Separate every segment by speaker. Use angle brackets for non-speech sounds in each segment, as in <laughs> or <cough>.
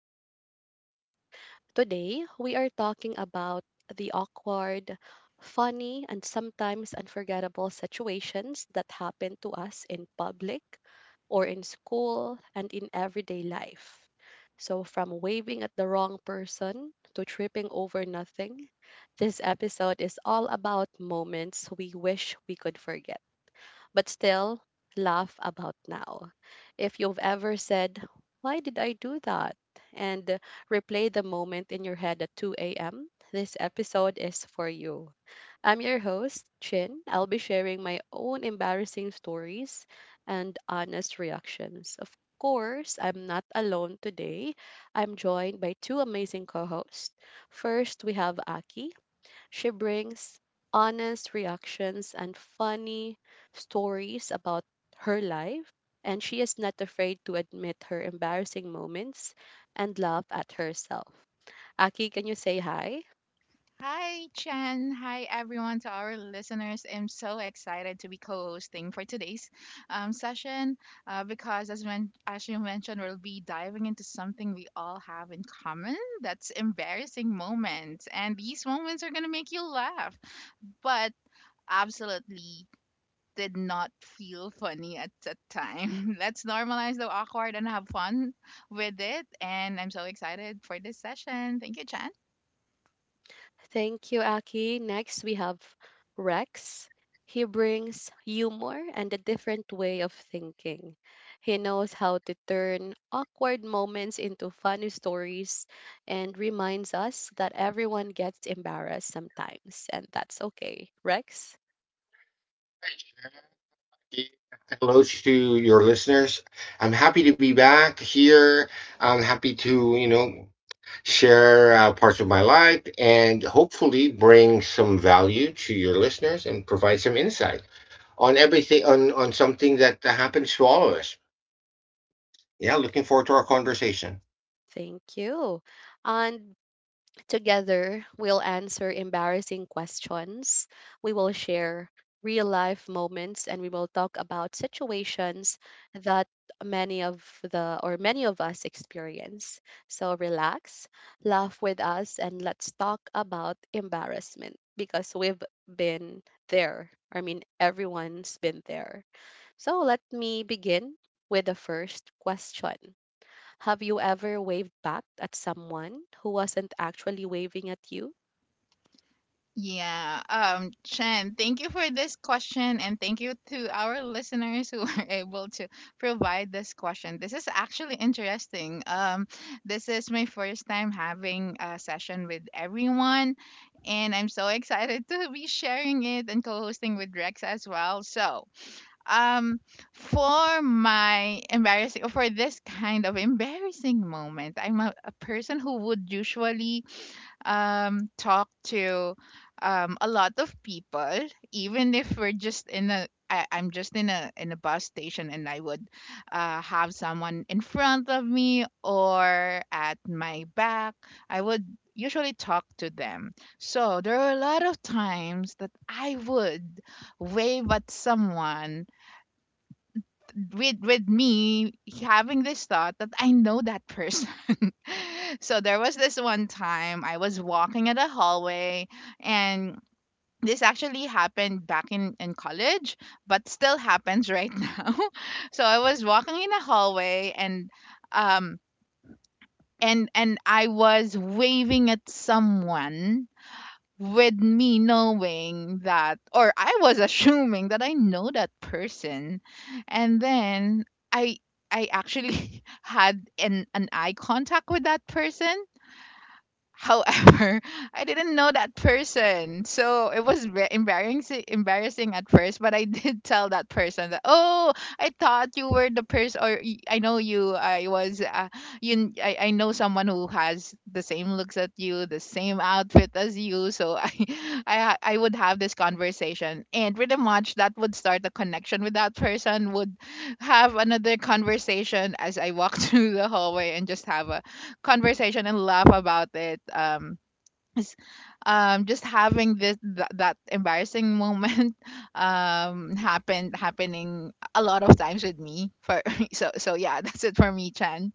Speaker 1: to our podcast. Today, we are talking about the awkward, funny, and sometimes unforgettable situations that happen to us in public or in school and in everyday life. So, from waving at the wrong person to tripping over nothing, this episode is all about moments we wish we could forget but still laugh about now. If you've ever said, "Why did I do that?" and replay the moment in your head at 2 a.m., this episode is for you. I'm your host, Chin. I'll be sharing my own embarrassing stories and honest reactions. Of course, I'm not alone today. I'm joined by two amazing co hosts. First, we have Aki. She brings honest reactions and funny stories about her life, and she is not afraid to admit her embarrassing moments and laugh at herself. Aki, can you say hi?
Speaker 2: Hi, Chen. Hi, everyone, to our listeners. I'm so excited to be co hosting for today's session because, as you mentioned, we'll be diving into something we all have in common that's embarrassing moments. And these moments are going to make you laugh, but absolutely did not feel funny at the time. <laughs> Let's normalize the awkward and have fun with it. And I'm so excited for this session. Thank you, Chen.
Speaker 1: Thank you, Aki. Next, we have Rex. He brings humor and a different way of thinking. He knows how to turn awkward moments into funny stories and reminds us that everyone gets embarrassed sometimes, and that's okay. Rex,
Speaker 3: Hello to your listeners. I'm happy to be back here. I'm happy to, share parts of my life and hopefully bring some value to your listeners and provide some insight on everything on something that happens to all of us. Yeah, looking forward to our conversation.
Speaker 1: thank you. And together, we'll answer embarrassing questions, we will share real life moments, and we will talk about situations that many of us experience. So relax, laugh with us, and let's talk about embarrassment because we've been there. I mean, everyone's been there. So let me begin with the first question. Have you ever waved back at someone who wasn't actually waving at you?
Speaker 2: Yeah. Chen, thank you for this question and thank you to our listeners who <laughs> are able to provide this question. This is actually interesting. This is my first time having a session with everyone and I'm so excited to be sharing it and co-hosting with Rex as well. So, um for this kind of embarrassing moment, I'm a person who would usually talk to a lot of people, even if we're just in I'm just in a bus station and I would have someone in front of me or at my back. I would usually talk to them. So there are a lot of times that I would wave at someone with me having this thought that I know that person. <laughs> So there was this one time I was walking in a hallway and this actually happened back in college, but still happens right <laughs> now. So I was walking in a hallway and um and I was waving at someone with me knowing that, or I was assuming that I know that person, and then I I actually <laughs> had an eye contact with that person. However, <laughs> I didn't know that person. So it was embarrassing at first, but I <laughs> did tell that person that, "Oh, I thought you were the person, or I know you. I was you I know someone who has the same looks at you, the same outfit as you." So <laughs> I would have this conversation and pretty much that would start a connection with that person, would have another conversation as I walk <laughs> through the hallway and just have a conversation and laugh about it. Is, just having that embarrassing moment <laughs> happened happening a lot of times with me for <laughs> yeah, <laughs> that's it for me, Chan.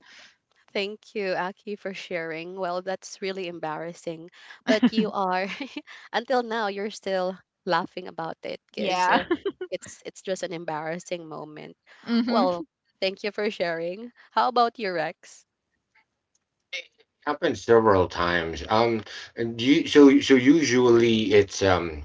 Speaker 1: Thank you, Aki, for sharing. Well, that's really embarrassing, but you are <laughs> until now you're still laughing about it because
Speaker 2: Yeah.
Speaker 1: it's just an embarrassing moment.
Speaker 2: Mm-hmm.
Speaker 1: Well, thank you for sharing. How about you, Rex?
Speaker 3: Happened several times. And you, so usually it's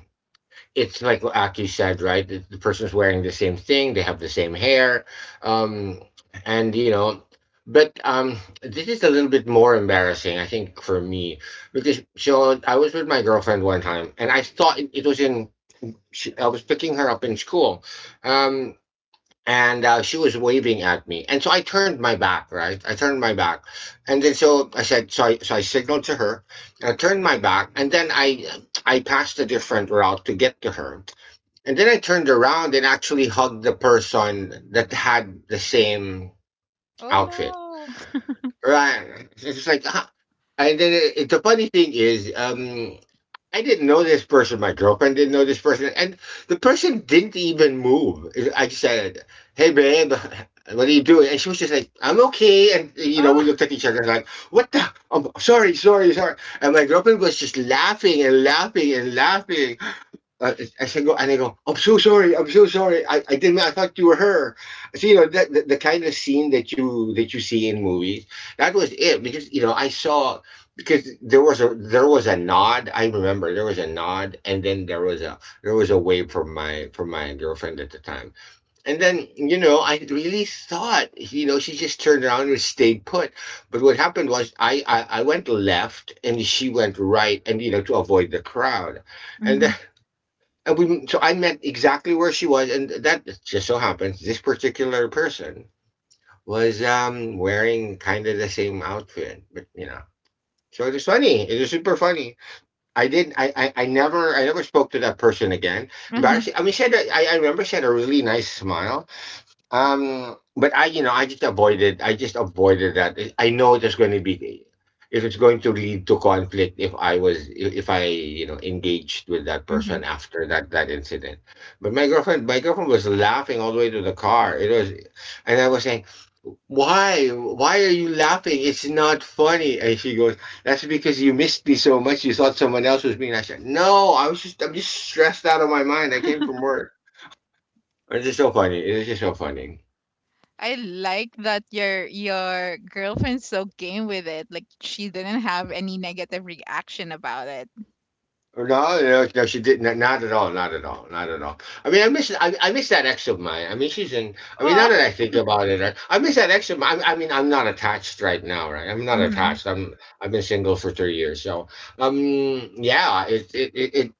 Speaker 3: it's like what Aki said, right? The person's wearing the same thing, they have the same hair, um, and you know. But this is a little bit more embarrassing, I think, for me because so I was with my girlfriend one time, and I thought it was in. I was picking her up in school, um, and she was waving at me, and so I turned my back. Right, I turned my back, and then so I signaled to her, and I turned my back, and then I passed a different route to get to her, and then I turned around and actually hugged the person that had the same
Speaker 2: <laughs> Oh
Speaker 3: outfit.
Speaker 2: no.
Speaker 3: Right. It's just like, ah. And then the funny thing is, I didn't know this person. My girlfriend didn't know this person. And the person didn't even move. I just said, hey, babe, what are you doing? And she was just like, I'm okay. And, you know, we
Speaker 2: Oh.
Speaker 3: looked at each other like, what the? I'm sorry, sorry, sorry. And my girlfriend was just laughing and laughing and laughing. uh, I said, go, and I go, I'm so sorry, I'm so sorry. I didn't, I thought you were her. So, you know, the kind of scene that that you see in movies, that was it because, you know, I saw, because there was a nod. I remember there was a nod and then there was a wave from from my girlfriend at the time. And then, you know, I really thought, you know, she just turned around and stayed put. But what happened was I went left and she went right and, you know, to avoid the crowd. And then,
Speaker 2: Mm-hmm.
Speaker 3: and we, so I met exactly where she was, and that just so happens this particular person was wearing kind of the same outfit, but you know. So it was funny. It was super funny. I did. I never. I never spoke to that person again. But
Speaker 2: Mm-hmm.
Speaker 3: actually, I mean, she had. A, I remember she had a really nice smile. But I, you know, I just avoided. I just avoided that. I know there's going to be, if it's going to lead to conflict, if I was, if I, you know, engaged with that
Speaker 2: Mm-hmm.
Speaker 3: person after that incident. But my girlfriend was laughing all the way to the car. It was, and I was saying, why are you laughing? It's not funny. And she goes, that's because you missed me so much. You thought someone else was being. I said, no, I'm just stressed out of my mind. I came from work. It's just so funny. It's just so funny.
Speaker 2: I like that your girlfriend's so game with it. Like she didn't have any negative reaction about it.
Speaker 3: No, no, no, she didn't. No, not at all. Not at all. Not at all. I mean, I miss. I miss that ex of mine. I mean, she's in. I mean, now
Speaker 2: Oh.
Speaker 3: that I think about it, I miss that ex of mine. I mean, I'm not attached right now, right? I'm not
Speaker 2: Mm-hmm.
Speaker 3: attached. I'm. I've been single for 3 years, so um, yeah. It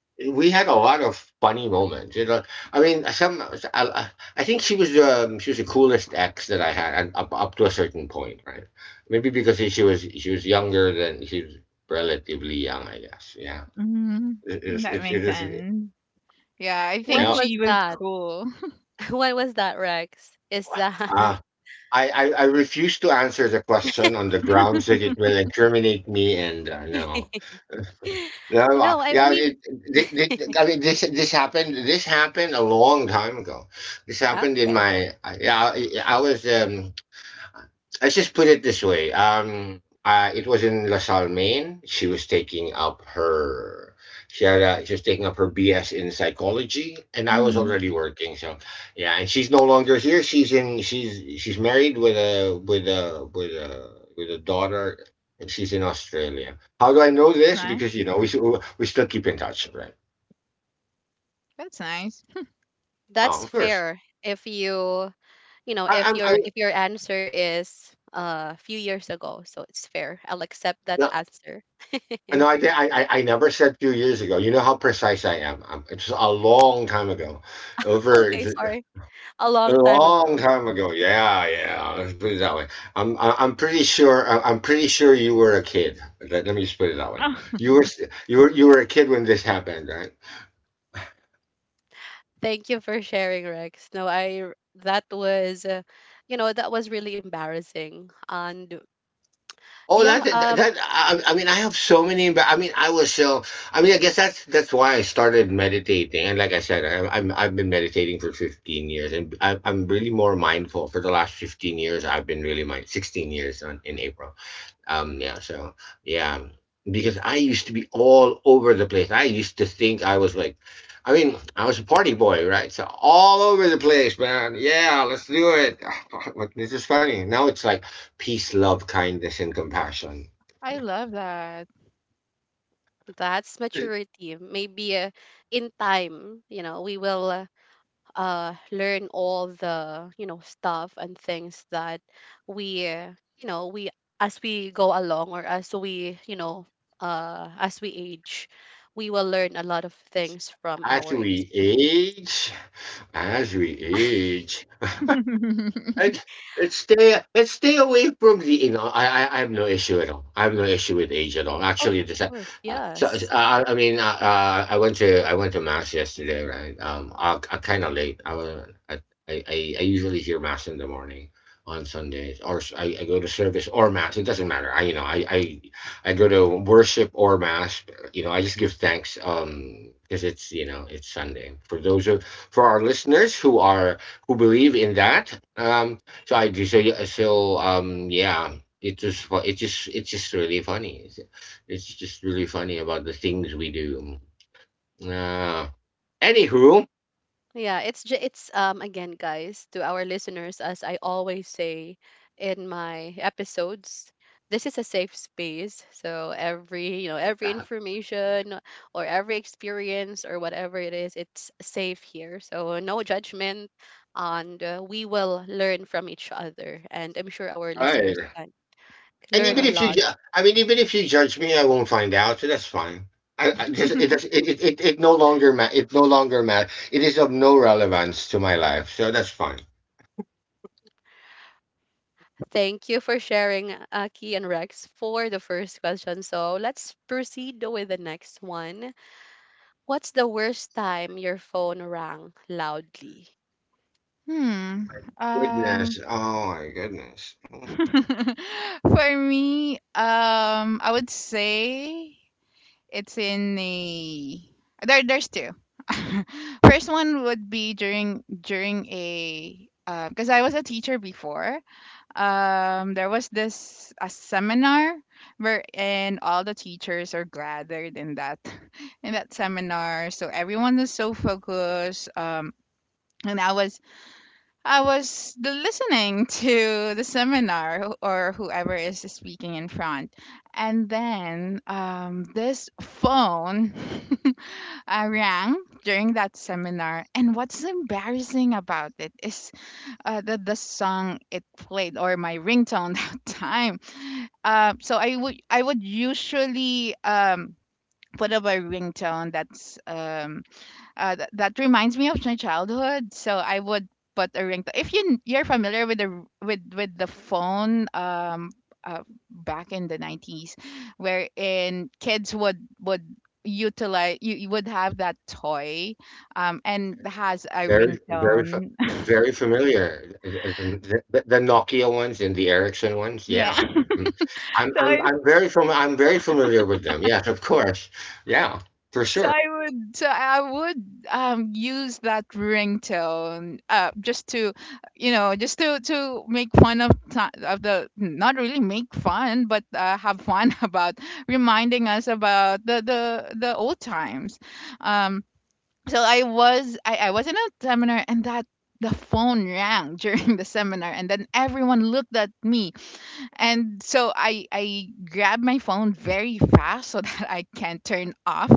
Speaker 3: <sighs> we had a lot of funny moments. You know, I mean, some. I, I think she was the coolest ex that I had and up to a certain point, right? Maybe because she was younger than she was relatively young, I guess. Yeah, it
Speaker 2: Mm-hmm.
Speaker 3: is.
Speaker 2: That
Speaker 3: It
Speaker 2: makes
Speaker 3: is.
Speaker 2: sense. Yeah, I
Speaker 1: When
Speaker 2: think
Speaker 3: Yeah.
Speaker 1: was
Speaker 2: she was
Speaker 1: that?
Speaker 2: cool.
Speaker 1: <laughs> When was that, Rex? Is that
Speaker 3: Uh, I refuse to answer the question on the grounds that it will incriminate me and no.
Speaker 1: <laughs>
Speaker 3: No,
Speaker 1: no? I
Speaker 3: yeah,
Speaker 1: mean,
Speaker 3: I mean, this happened. This happened a long time ago. This happened in
Speaker 1: okay,
Speaker 3: my. I- Yeah, I was let's just put it this way. It was in LaSalle, Maine. She was taking up her she was taking up her BS in psychology, and I was
Speaker 2: Mhm.
Speaker 3: already working. So, yeah, and she's no longer here. She's in she's married with a with a daughter, and she's in Australia. How do I know this?
Speaker 2: Nice.
Speaker 3: Because you know we still keep in touch, right?
Speaker 2: That's nice.
Speaker 3: Oh,
Speaker 1: that's
Speaker 3: of course.
Speaker 1: fair. If you you know
Speaker 3: I,
Speaker 1: if
Speaker 3: I'm
Speaker 1: your if your answer is a few years ago, so it's fair, I'll accept that
Speaker 3: I,
Speaker 1: answer.
Speaker 3: no,
Speaker 1: <laughs>
Speaker 3: I never said few years ago. You know how precise I am. It's a long time ago, over it's
Speaker 1: Okay, sorry, a
Speaker 3: a
Speaker 1: long time
Speaker 3: long
Speaker 1: ago.
Speaker 3: time ago. Yeah, yeah. Let's put it that way. I'm pretty sure. I'm pretty sure you were a kid. Let me just put it that way.
Speaker 2: Oh,
Speaker 3: You
Speaker 2: <laughs>
Speaker 3: were, s- you were a kid when this happened, right?
Speaker 1: Thank you for sharing, Rex. No I r- That was you know, that was really embarrassing. And
Speaker 3: Oh,
Speaker 1: yeah,
Speaker 3: that I mean, I have so many. I mean, I was so. I mean, I guess that's why I started meditating. And like I said, I've been meditating for 15 years, and I'm really more mindful for the last 15 years. I've been really mind 16 years on, in April. Yeah, so yeah, because I used to be all over the place. I used to think I was like, I mean, I was a party boy, right? So all over the place, man. Yeah, let's do it. <sighs> <laughs> Like, this is funny. Now it's like peace, love, kindness, and compassion.
Speaker 2: I love that.
Speaker 1: that's maturity, maybe. In time, you know, we will learn all the, you know, stuff and things that we, you know, we, as we go along, or as we, you know, as we age, we will learn a lot of things from
Speaker 3: As
Speaker 1: our
Speaker 3: we
Speaker 1: experiences.
Speaker 3: age, as we
Speaker 1: <laughs>
Speaker 3: age.
Speaker 2: <laughs>
Speaker 3: And stay away from the you know I have no issue at all. I have no issue with age at all.
Speaker 1: Of
Speaker 3: Actually, this
Speaker 1: course,
Speaker 3: so
Speaker 1: yes.
Speaker 3: I mean I went to mass yesterday, right? I kind of late. I usually hear mass in the morning on Sundays, or I go to service or mass. It doesn't matter. I you know I go to worship or mass. You know I just give thanks because it's you know it's Sunday for those of for our listeners who are who believe in that. So I just so yeah, it just it's just really funny. It's just really funny about the things we do. Uh, anywho,
Speaker 1: Yeah, it's, again, guys, to our listeners, as I always say in my episodes, this is a safe space. So every, you know, every
Speaker 3: uh,
Speaker 1: information or every experience or whatever it is, it's safe here. So no judgment, and we will learn from each other. And I'm sure our
Speaker 3: all
Speaker 1: listeners
Speaker 3: right.
Speaker 1: can
Speaker 3: And
Speaker 1: learn
Speaker 3: even
Speaker 1: a
Speaker 3: if you,
Speaker 1: lot.
Speaker 2: Lovely.
Speaker 3: ju- I mean, even if you judge me, I won't find out. So that's fine. I just, it, does, it no longer ma- it no longer matters. It is of no relevance to my life, so that's fine.
Speaker 1: Thank you for sharing, Aki and Rex, for the first question. So let's proceed with the next one. What's the worst time your phone rang loudly?
Speaker 2: Hmm. Um.
Speaker 3: Goodness, oh my goodness.
Speaker 2: <laughs> For me, I would say it's in a there. There's two. <laughs> First one would be during a, because I was a teacher before, there was this a seminar where, and all the teachers are gathered in that <laughs> in that seminar, so everyone was so focused, and i was the listening <laughs> to the seminar, or whoever is speaking in front, and then this phone <laughs> rang during that seminar, and what's embarrassing about it is that the song it played, or my ringtone <laughs> that time. So I would usually put up a ringtone that's that reminds me of my childhood. So I would put a ringtone. If you you're familiar with with the phone. Uh, Back in the 90s, wherein kids would utilize you, you would have that toy and has a
Speaker 3: Very,
Speaker 2: ringtone.
Speaker 3: very familiar. The Nokia ones and the Ericsson
Speaker 2: <laughs>
Speaker 3: ones,
Speaker 2: Yeah.
Speaker 3: yeah. Mm.
Speaker 2: <laughs> So I,
Speaker 3: I'm very I'm very familiar with them. Yes, of course. Yeah, for
Speaker 2: so
Speaker 3: sure,
Speaker 2: I would, use that ringtone just to, you know, just to make fun of the, not really make fun, but have fun <laughs> about reminding us about the old times. Um, so I was I was in a seminar and that the phone rang <laughs> during the seminar, and then everyone looked at me, and so I grabbed my phone very fast so <laughs> that I can turn off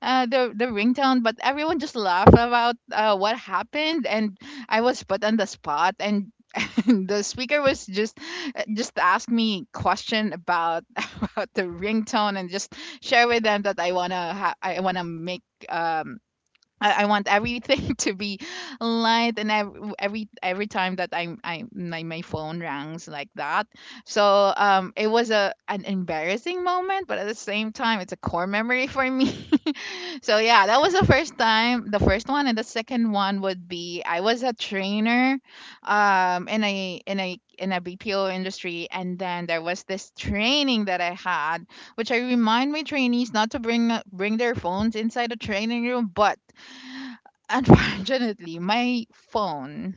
Speaker 2: the the ringtone. But everyone just laughed about what happened, and I was put on the spot. And <laughs> the speaker was just asked me question about <laughs> about the ringtone, and just share with them that I wanna make um I want everything <laughs> to be light, and every time that my phone rings like that. So it was a an embarrassing moment, but at the same time, it's a core memory for me. <laughs> So yeah, that was the first time, the first one. And the second one would be I was a trainer, in a BPO industry, and then there was this training that I had, which I remind my trainees not to bring their phones inside the training room. But <laughs> unfortunately, my phone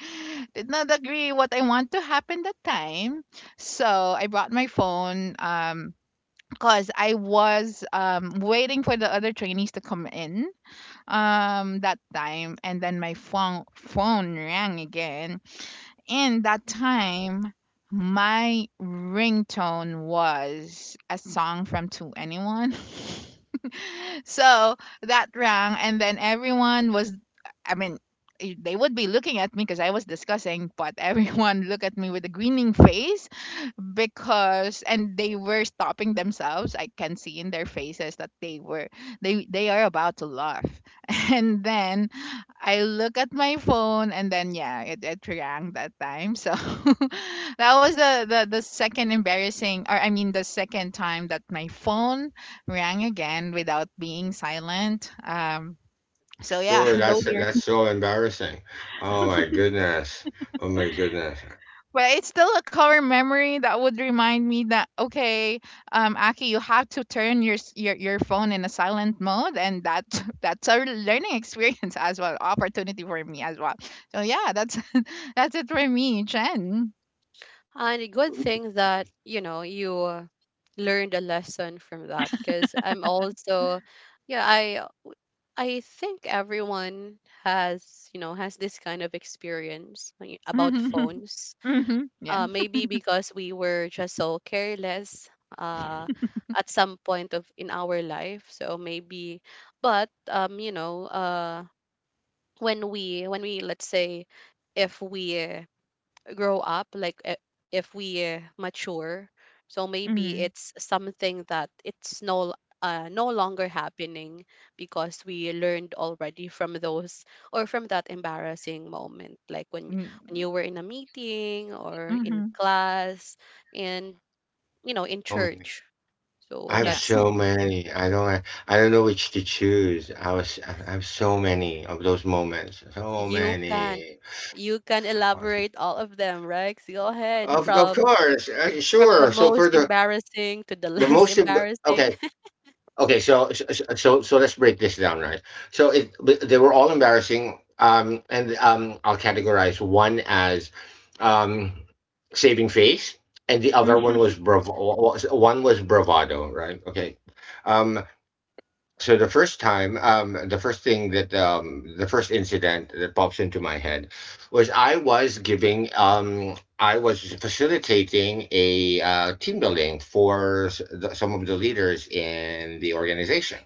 Speaker 2: <laughs> did not agree what I want to happen that time. So I brought my phone because I was waiting for the other trainees to come in that time, and then my phone rang again. And that time, my ringtone was a song from To Anyone. <laughs> So that rang, and then everyone was, I mean, eh, they would be looking at me because I was discussing, but everyone <laughs> looked at me with a grinning face, because and they were stopping themselves. I can see in their faces that they they are about to laugh. <laughs> And then I look at my phone, and then yeah, it rang that time. So <laughs> that was the second embarrassing, or I mean, the second time that my phone rang again without being silent. So yeah,
Speaker 3: sure.
Speaker 2: <laughs> those.
Speaker 3: That's so embarrassing. Oh my goodness. Oh my goodness.
Speaker 2: But it's still a core memory that would remind me that, okay, Aki, you have to turn your your phone in a silent mode, and that <laughs> that's a learning experience as well, opportunity for me as well. So yeah, that's <laughs> that's it for me, Chen.
Speaker 1: And a good thing that, you know, you learned a lesson from that, because I'm also, yeah, I think everyone has, you know, has this kind of experience about
Speaker 2: <laughs> Mm-hmm.
Speaker 1: phones.
Speaker 2: Mm-hmm. Yeah.
Speaker 1: Maybe because we were just so careless uh at some point of in our life. So maybe, but you know, when we, when we, let's say, if we, grow up, like, if we, mature, so maybe
Speaker 2: Mm-hmm.
Speaker 1: it's something that it's no no longer happening because we learned already from those or from that embarrassing moment, like when you were in a meeting or in
Speaker 2: Mm-hmm.
Speaker 1: class, and you know, in
Speaker 3: So many.
Speaker 1: church.
Speaker 3: I
Speaker 1: So
Speaker 3: have
Speaker 2: Yeah.
Speaker 1: that's,
Speaker 3: so many. I don't. I don't know which to choose. I was. I have so many of those moments. So
Speaker 1: you can,
Speaker 3: many.
Speaker 1: you can elaborate all of them, Rex. Go ahead,
Speaker 3: Of
Speaker 1: from
Speaker 3: course,
Speaker 1: from the
Speaker 3: sure. So
Speaker 1: most
Speaker 3: for
Speaker 1: embarrassing to the
Speaker 3: the
Speaker 1: less <laughs>
Speaker 3: motion,
Speaker 1: embarrassing.
Speaker 3: okay. So let's break this down, right? So it, but they were all embarrassing, and I'll categorize one as um saving face, and the other one
Speaker 2: Mm-hmm.
Speaker 3: was bravo one was bravado, right? Okay. um, so the first time the first thing that the first incident that pops into my head was I was giving I was facilitating a team building for the, some of the leaders in the organization,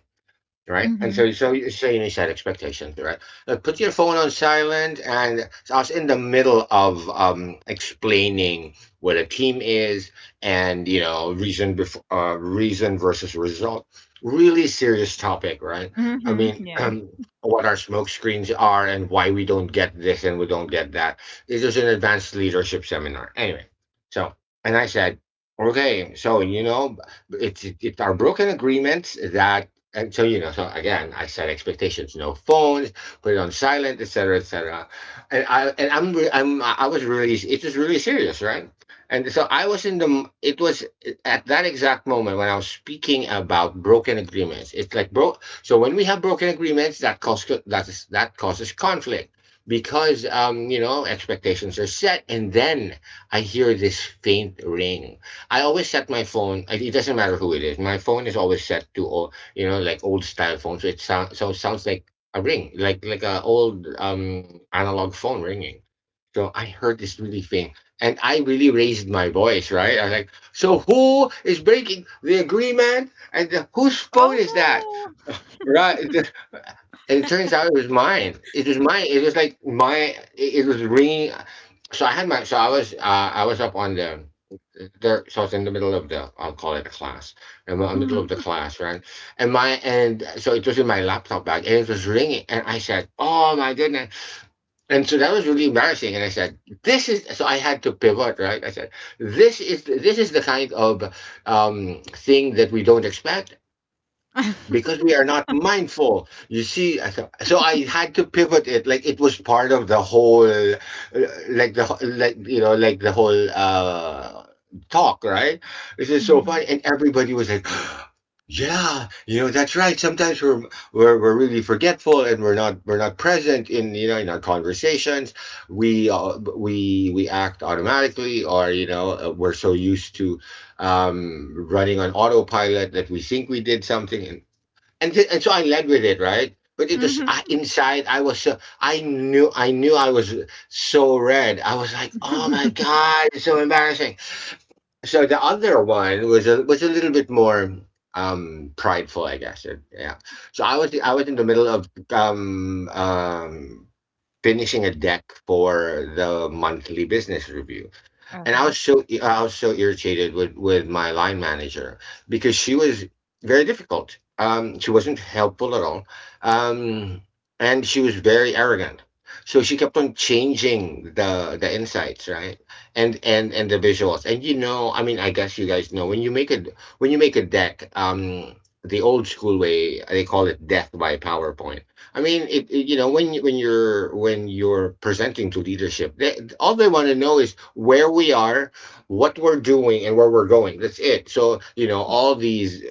Speaker 3: right? And
Speaker 2: Mm-hmm.
Speaker 3: so, so you need to set expectations, right? Like, put your phone on silent. And so I was in the middle of explaining what a team is, and you know, reason before reason versus result. Really serious topic, right? I
Speaker 2: Mm-hmm.
Speaker 3: mean,
Speaker 2: Yeah.
Speaker 3: what our smoke screens are and why we don't get this and we don't get that. This is an advanced leadership seminar, anyway. So, and I said. Okay, so it's our broken agreements that and so again, I set expectations. No phones, put it on silent, etc, etc. And I and I'm re- I'm I was really, it was really serious, right? And so I was in the it was at that exact moment when I was speaking about broken agreements, it's like, bro, so when we have broken agreements, that causes that is that causes conflict because you know, expectations are set, and then I hear this faint ring. I always set my phone, it doesn't matter who it is, my phone is always set to, you know, like old style phone. So it sounds like a ring, like a old analog phone ringing. So I heard this really thing, and I really raised my voice, right? I was like, "So who is breaking the agreement? And whose phone is that?"
Speaker 2: Oh
Speaker 3: Right? <laughs> And it turns out it was mine. It was mine. It was like my. It was ringing. So I had my. So I was. I was up on the there, so I was in the middle of the, I'll call it a class. In the
Speaker 2: no.
Speaker 3: middle of the
Speaker 2: Mm-hmm.
Speaker 3: class, right? And my, and so it was in my laptop bag and it was ringing, and I said, "Oh my goodness!" And so that was really embarrassing. And I said, "This is." So I had to pivot, right? I said, "This is the kind of thing that we don't expect" because we are not mindful. You see, I, so I had to pivot it. Like it was part of the whole, like the like, you know, like the whole talk, right? This is so
Speaker 2: Mm-hmm.
Speaker 3: funny, and everybody was like. <gasps> Yeah, you know, that's right. Sometimes we're we're really forgetful, and we're not, we're not present in, you know, in our conversations. We, we act automatically, or you know, we're so used to running on autopilot that we think we did something and and so I led with it, right? But it was I,
Speaker 2: Mm-hmm.
Speaker 3: inside. I was so, I knew, I knew I was so red. I was like, oh my god, it's so embarrassing. So the other one was a little bit more prideful, I guess. It- Yeah. So I was, I was in the middle of finishing a deck for the monthly business review,
Speaker 2: <laughs>
Speaker 3: and I
Speaker 2: Uh-huh.
Speaker 3: was so, I was so irritated with my line manager because she was very difficult. She wasn't helpful at all, um, and she was very arrogant. So she kept on changing the insights, right, and the visuals. And you know, I mean, I guess you guys know when you make a, when you make a deck, the old school way, they call it death by PowerPoint. I mean, you know, when you, when you're, when you're presenting to leadership, they, all they want to know is where we are, what we're doing, and where we're going. That's it. So you know,
Speaker 2: Yeah.
Speaker 3: all these,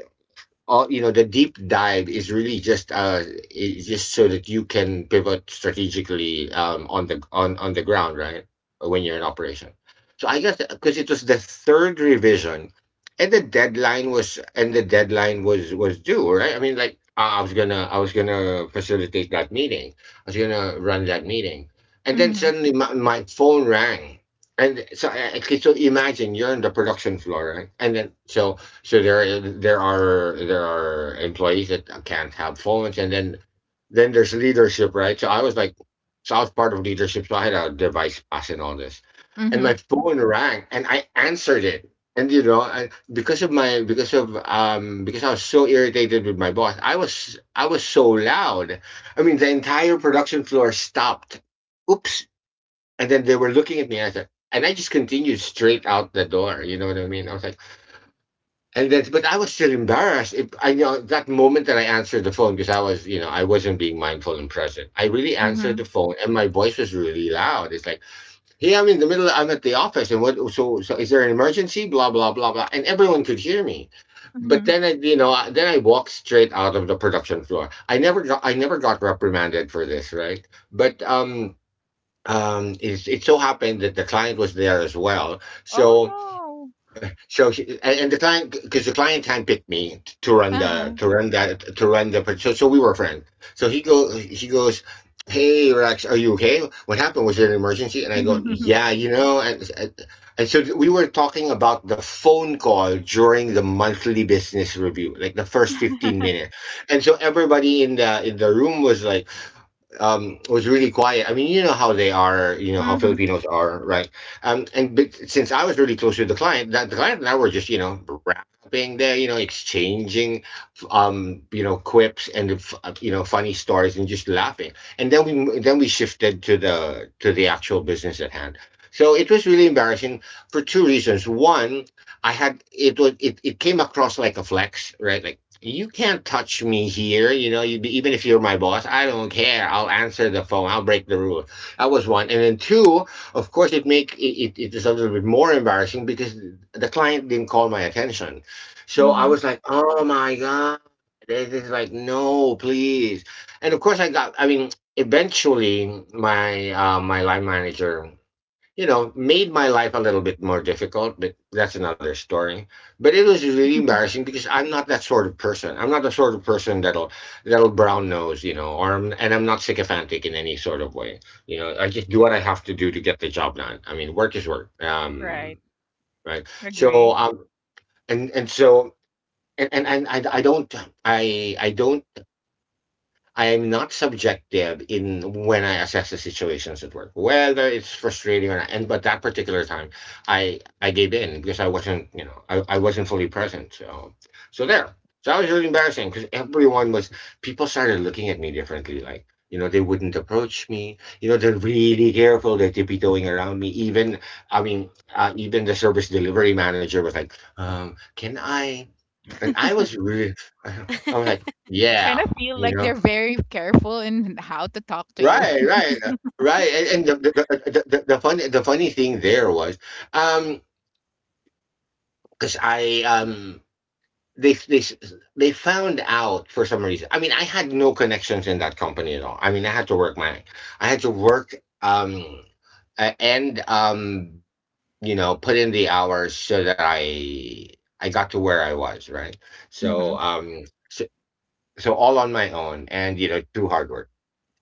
Speaker 3: all, you know, the deep dive is really just is just so that you can pivot strategically on the, on the ground, right, when you're in operation. So I guess because it was the third revision, and the deadline was, and the deadline was due, right? I mean, like I was gonna, I was gonna facilitate that meeting, I was gonna run that meeting. And then
Speaker 2: Mm-hmm.
Speaker 3: suddenly my, phone rang, and so okay, so imagine you're on the production floor, right? And then so, so there, there are employees that can't have phones, and then there's leadership, right? So I was like, so I was part of leadership, so I had a device pass and all this, and
Speaker 2: Mm-hmm.
Speaker 3: my phone rang, and I answered it, and you know, I, because of my, because of because I was so irritated with my boss, I was, I was so loud. I mean, the entire production floor stopped. Oops! And then they were looking at me, and I said, and I just continued straight out the door. You know what I mean? I was like. And that's, but I was still embarrassed. If I know that moment that I answered the phone because I was, you know, I wasn't being mindful and present. I really answered the
Speaker 2: Mm-hmm.
Speaker 3: phone, and my voice was really loud. It's like, "Hey, I'm in the middle. I'm at the office, and what? So, so is there an emergency? Blah blah blah blah." And everyone could hear me. But
Speaker 2: Mm-hmm.
Speaker 3: then I, then I walked straight out of the production floor. I never got reprimanded for this, right? But it's, it so happened that the client was there as well,
Speaker 2: Oh,
Speaker 3: so
Speaker 2: no.
Speaker 3: so she, and the client, because the client handpicked me to run the,
Speaker 2: Uh-huh.
Speaker 3: to run that, to run the, so so we were friends. So he goes, hey Rex, are you okay? What happened? Was it an emergency? And I go, yeah, you know, and so we were talking about the phone call during the monthly business review, like the first fifteen
Speaker 2: <laughs>
Speaker 3: minutes, and so everybody in the room was like was really quiet. I mean, you know how they are, you know how
Speaker 2: Mhm,
Speaker 3: Filipinos are, right? And but since I was really close to the client, that the client and I were just, you know, rapping there, you know, exchanging, you know, quips and you know, funny stories and just laughing. And then then we shifted to the, to the actual business at hand. So it was really embarrassing for two reasons. One, I had, it came across like a flex, right? Like you can't touch me here. You know, you, even if you're my boss, I don't care. I'll answer the phone. I'll break the rule. That was one, and then two. Of course, it make it it, it was a little bit more embarrassing because the client didn't call my attention, so I
Speaker 2: mhm.
Speaker 3: was like, oh my god, this is like no, please, and of course I got. I mean, eventually my my line manager, you know, made my life a little bit more difficult, but that's another story. But it was really
Speaker 2: <laughs>
Speaker 3: embarrassing because I'm not that sort of person. I'm not the sort of person that'll that'll brown nose, you know, or I'm, and I'm not sycophantic in any sort of way. You know, I just do what I have to do to get the job done. I mean, work is work,
Speaker 2: Right.
Speaker 3: right? So,
Speaker 2: Agree.
Speaker 3: and so, and I don't, I don't, I am not subjective in when I assess the situations at work, whether it's frustrating or not. And but that particular time, I gave in because I wasn't, you know, I wasn't fully present. So so there. So that was really embarrassing because everyone was, people started looking at me differently. Like you know, they wouldn't approach me. You know, they're really careful. They're tiptoeing around me. Even I mean, even the service delivery manager was like, "Can I?" And I was really <laughs> I was
Speaker 1: <laughs>
Speaker 3: like,
Speaker 2: Kind
Speaker 3: "Yeah."
Speaker 2: of feel
Speaker 3: You
Speaker 2: like
Speaker 3: know,
Speaker 2: they're very careful in how to talk to you.
Speaker 3: right,
Speaker 2: <laughs>
Speaker 3: right. And, the, the funny, the funny thing there was, um, because I they they s- they found out for some reason. I mean, I had no connections in that company at all. I mean, I had to work um and you know, put in the hours so that I got to where I was, right? So
Speaker 2: Mm-hmm.
Speaker 3: so, so all on my own, and you know, through hard work.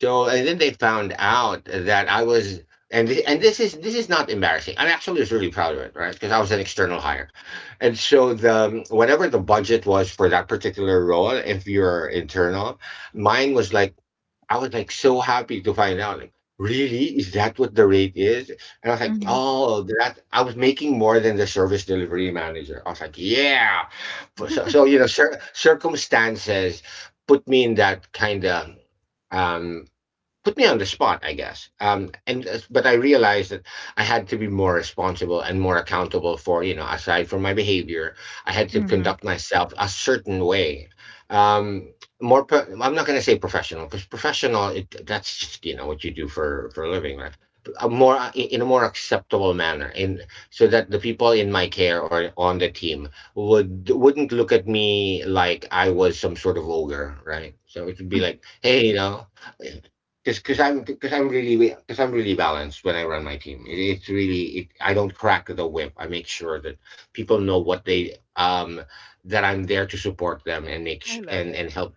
Speaker 3: So and then they found out that I was, and and this is, this is not embarrassing. I am, actually was really proud of it, right? Because I was an external hire, and so the, whatever the budget was for that particular role, if you're internal, mine was like, I was like so happy to find out, like, really, is that what the rate is? And I was like,
Speaker 2: Mm-hmm.
Speaker 3: oh, that I was making more than the service delivery manager. I was like, yeah. So, so so, you know, circumstances put me in that kind of um put me on the spot, I guess. And but I realized that I had to be more responsible and more accountable for, you know, aside from my behavior, I had to
Speaker 2: Mm-hmm.
Speaker 3: conduct myself a certain way. Um, More, I'm not going to say professional because professional, it, that's just, you know, what you do for a living, right? A more, in a more acceptable manner, and so that the people in my care or on the team would, wouldn't look at me like I was some sort of ogre, right? So it would be like, hey, you know, because because I'm really, because I'm really balanced when I run my team. It's really I don't crack the whip. I make sure that people know what they that I'm there to support them and make sh-
Speaker 2: I love
Speaker 3: and
Speaker 2: it.
Speaker 3: and help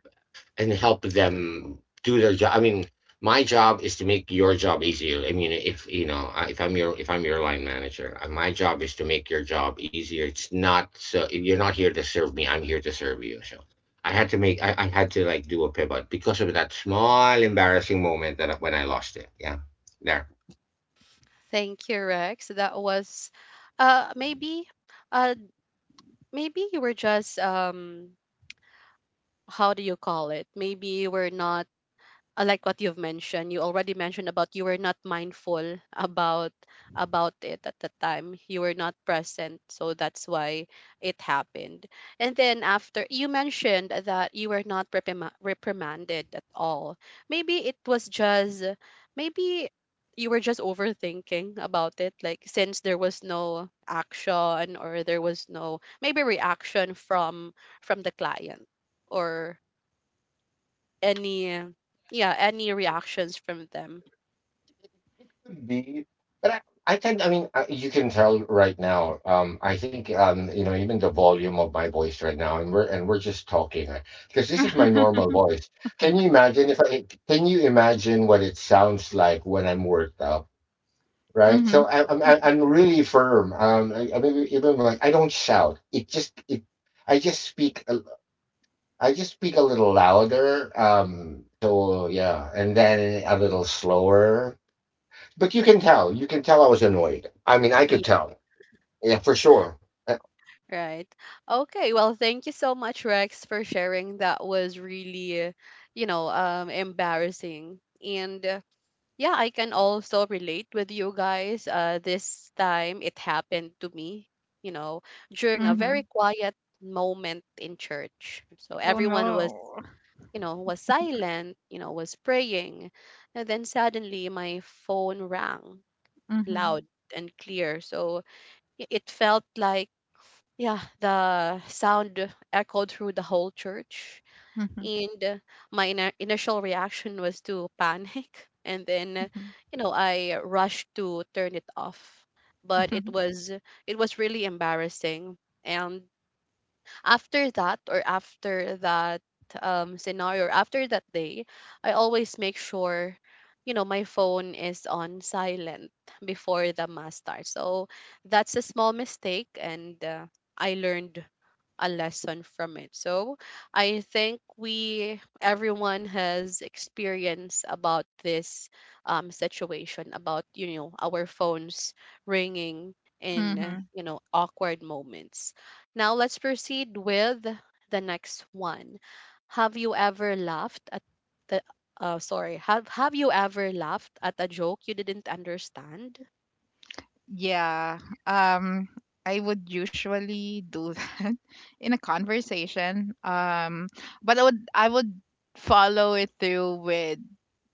Speaker 3: and help them do their job. I mean, my job is to make your job easier. I mean, if I'm your line manager, my job is to make your job easier. It's not so you're not here to serve me. I'm here to serve you. So I had to like do a pivot because of that small embarrassing moment that when I lost it. Yeah, there.
Speaker 1: Thank you, Rex. That was maybe, uh maybe you were just, how do you call it? Maybe you were not, like what you've mentioned, you already mentioned about, you were not mindful about it. At the time, you were not present, so that's why it happened. And then after, you mentioned that you were not reprimanded at all. Maybe it was just, maybe you were just overthinking about it, like, since there was no action or there was no, maybe, reaction from the client or any, yeah, any reactions from them.
Speaker 3: Could be, but I can. I mean, I, you can tell right now. I think you know, even the volume of my voice right now, and we're just talking because this is my
Speaker 2: <laughs>
Speaker 3: normal voice. Can you imagine if I can you imagine what it sounds like when I'm worked up? Right,
Speaker 2: Mm-hmm.
Speaker 3: so I'm really firm. I mean, even like I don't shout. I just speak. I just speak a little louder. So yeah, and then a little slower, but you can tell. You can tell I was annoyed. I mean, I
Speaker 1: Yeah.
Speaker 3: could tell. Yeah, for sure.
Speaker 1: Right. Okay, well, thank you so much, Rex, for sharing. That was really, you know, embarrassing. And yeah, I can also relate with you guys. Uh, this time it happened to me, you know, during a
Speaker 2: Mm-hmm.
Speaker 1: very quiet moment in church, so
Speaker 2: Oh
Speaker 1: everyone was,
Speaker 2: no.
Speaker 1: you know, was silent, you know, was praying. And then suddenly my phone rang
Speaker 2: Mm-hmm.
Speaker 1: loud and clear. So it felt like, yeah, the sound echoed through the whole church.
Speaker 2: Mm-hmm.
Speaker 1: And my initial reaction was to panic. <laughs> And then, you know, I rushed to turn it off. But it was, it was really embarrassing. And after that, or after that scenario, or after that day, I always make sure, you know, my phone is on silent before the mass starts. So that's a small mistake, and I learned a lesson from it. So I think we everyone has experience about this situation about, you know, our phones ringing in,
Speaker 2: Mm-hmm. <laughs>
Speaker 1: you know, awkward moments. Now let's proceed with the next one. Have you ever laughed at the sorry, have you ever laughed at a joke you didn't understand?
Speaker 2: Yeah. Um, I would usually do <laughs> that in a conversation. But I would follow it through with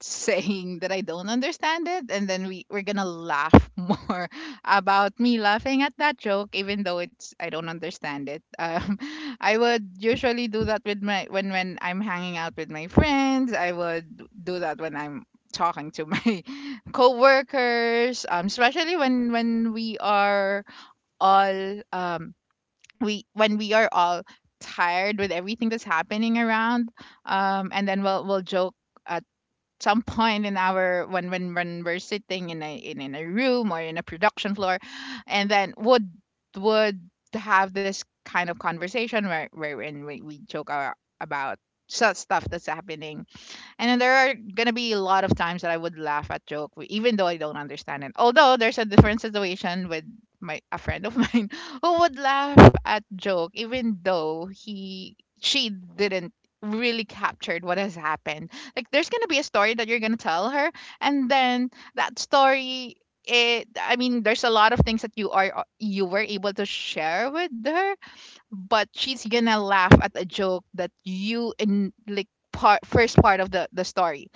Speaker 2: saying that I don't understand it, and then we we're gonna laugh <laughs> more about me laughing at that joke, even though it's I don't understand it. <laughs> I would usually do that with my, when I'm hanging out with my friends. I would do that when I'm talking to <laughs> my co-workers, especially when we are all we when we are all tired with everything that's happening around, and then we'll joke at some point in our, when when we're sitting in in a room, or in a production floor, and then would have this kind of conversation, wherein we joke our, about such stuff that's happening. And then there are gonna be a lot of times that I would laugh at joke, even though I don't understand it. Although there's a different situation with my a friend of <laughs> mine who would laugh at joke, even though he she didn't really captured what has happened. Like there's gonna be a story that you're gonna tell her, and then that story. It, I mean, there's a lot of things that you were able to share with her, but she's gonna laugh at a joke that you in like part first part of the story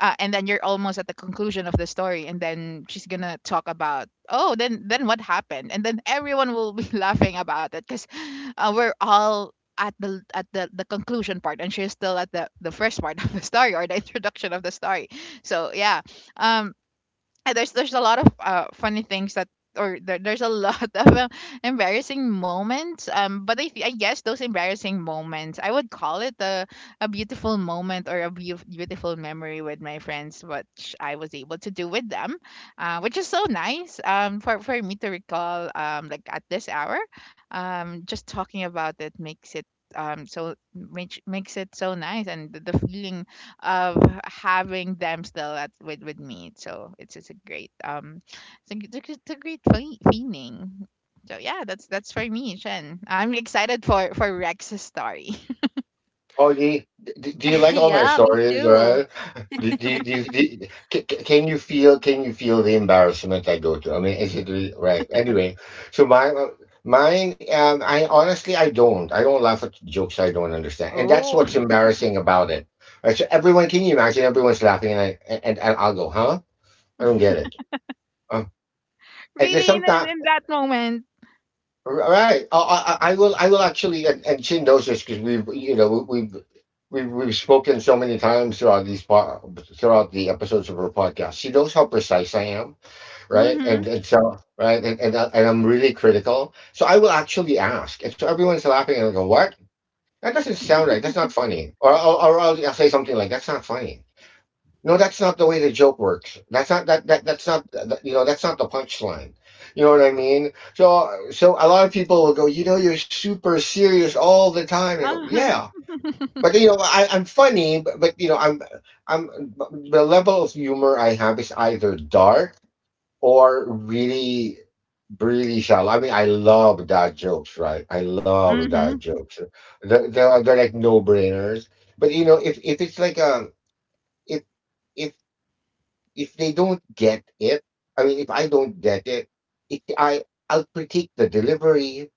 Speaker 2: and then you're almost at the conclusion of the story, and then she's gonna talk about, oh, then what happened, and then everyone will be <laughs> laughing about it because we're all at the conclusion part, and she's still at the first part <laughs> of the story or the introduction of the story. So yeah. um and there's a lot of funny things that or there's a lot <laughs> of embarrassing moments. But I guess those embarrassing moments, I would call it a beautiful moment or a beautiful memory with my friends, which I was able to do with them, which is so nice, for me to recall, like at this hour. Just talking about it makes it, makes it so nice, and the feeling of having them still with me. So it's just a great, it's a great feeling. So yeah, that's for me, Shen. I'm excited for Rex's story. <laughs>
Speaker 3: Oh, do, do you like
Speaker 1: <laughs>
Speaker 3: all my
Speaker 1: Yeah, me
Speaker 3: stories? Right?
Speaker 1: too.
Speaker 3: Do, do, do, do, can you feel? Can you feel the embarrassment I go through? I mean, is it really, right? Anyway, so my mine. I honestly, I don't laugh at jokes I don't understand, and that's
Speaker 2: Oh,
Speaker 3: what's embarrassing about it. Right? So everyone, can you imagine? Everyone's laughing, and and I'll go, huh? I don't get it. Um,
Speaker 2: <laughs>
Speaker 3: and there's
Speaker 2: really, in in
Speaker 3: sometimes
Speaker 2: in that moment.
Speaker 3: all right. I will. I will actually, and Chin knows this because we've we've spoken so many times throughout throughout the episodes of our podcast. She knows how precise I am, right? And
Speaker 2: Mm-hmm.
Speaker 3: and I'm really critical. So I will actually ask, and so everyone's laughing, and I go, "What? That doesn't sound right. That's not funny." Or I'll say something like, "That's not funny. No, that's not the way the joke works. That's not that, that that's not that, you know, that's not the punchline. You know what I mean?" So so a lot of people will go, "You know, you're super serious all the time." And I go,
Speaker 2: Uh-huh.
Speaker 3: "Yeah, but you know, I'm funny, but you know, I'm but the level of humor I have is either dark or really really shallow." I mean, I love dad jokes, right? I love dad
Speaker 2: Mm-hmm.
Speaker 3: jokes. They're like no brainers. But you know, if if if they don't get it, I mean, if I don't get it, I'll critique the delivery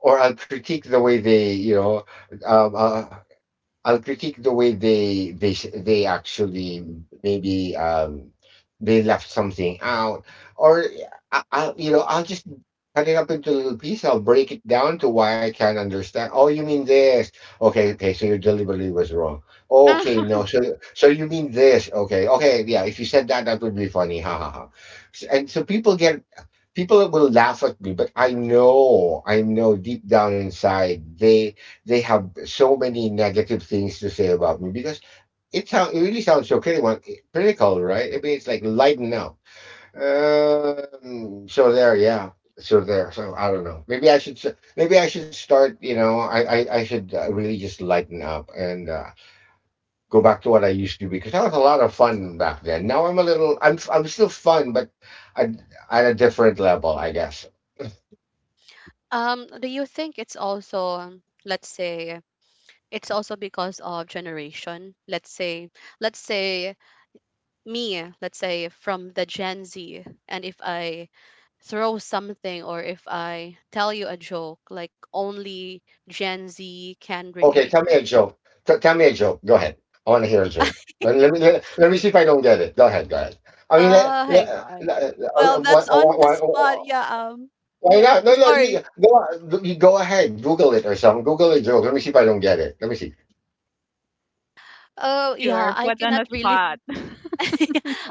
Speaker 3: or I'll critique the way they, you know, um, uh, I'll critique the way they actually maybe they left something out, or I you know, I'll just cut it up into little pieces. I'll break it down to why I can't understand. Oh, you mean this? Okay, okay. So your delivery was wrong.
Speaker 2: Uh,
Speaker 3: Okay, no. So so you mean this? Okay, okay. Yeah. If you said that, that would be funny. Ha ha ha. And so people will laugh at me, but I know, I know deep down inside they have so many negative things to say about me because it sounds, it really sounds so critical, critical, right? I mean, it's like lighten up. So there, yeah, so there, so I don't know, maybe maybe I should start, you know, I should really just lighten up and go back to what I used to, because I was a lot of fun back then. Now I'm a little, I'm still fun, but at, at a different level, I guess.
Speaker 1: Do you think it's also, let's say, it's also because of generation? Let's say, let's say me, let's say, from the Gen Z, and if I throw something, or if I tell you a joke like only Gen Z can
Speaker 3: Okay,
Speaker 1: relate?
Speaker 3: tell me a joke. Tell me a joke. Go ahead. I want to hear a joke. Let me see if I don't get it. Go ahead. Go ahead. I mean,
Speaker 1: Uh, hang on.
Speaker 3: I
Speaker 1: Well,
Speaker 3: mean,
Speaker 1: that's on the spot. Yeah.
Speaker 3: why
Speaker 1: Yeah,
Speaker 3: not? No, no.
Speaker 1: sorry.
Speaker 3: You, you go ahead. Google it or something. Google a joke. Let me see if I don't get it. Let me see.
Speaker 1: Oh
Speaker 2: you
Speaker 1: yeah,
Speaker 2: are
Speaker 1: I
Speaker 2: put on
Speaker 1: cannot
Speaker 2: the
Speaker 1: really
Speaker 2: spot.
Speaker 1: <laughs>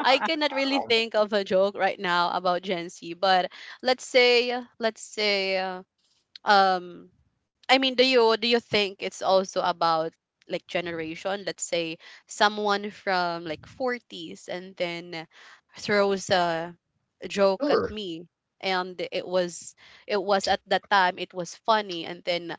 Speaker 1: I cannot really think of a joke right now about Gen Z, but let's say, let's say, uh, um, I mean, do you, do you think it's also about like generation? Let's say someone from like 40's and then throws a joke at
Speaker 3: Sure.
Speaker 1: me, and it was, it was at that time, it was funny, and then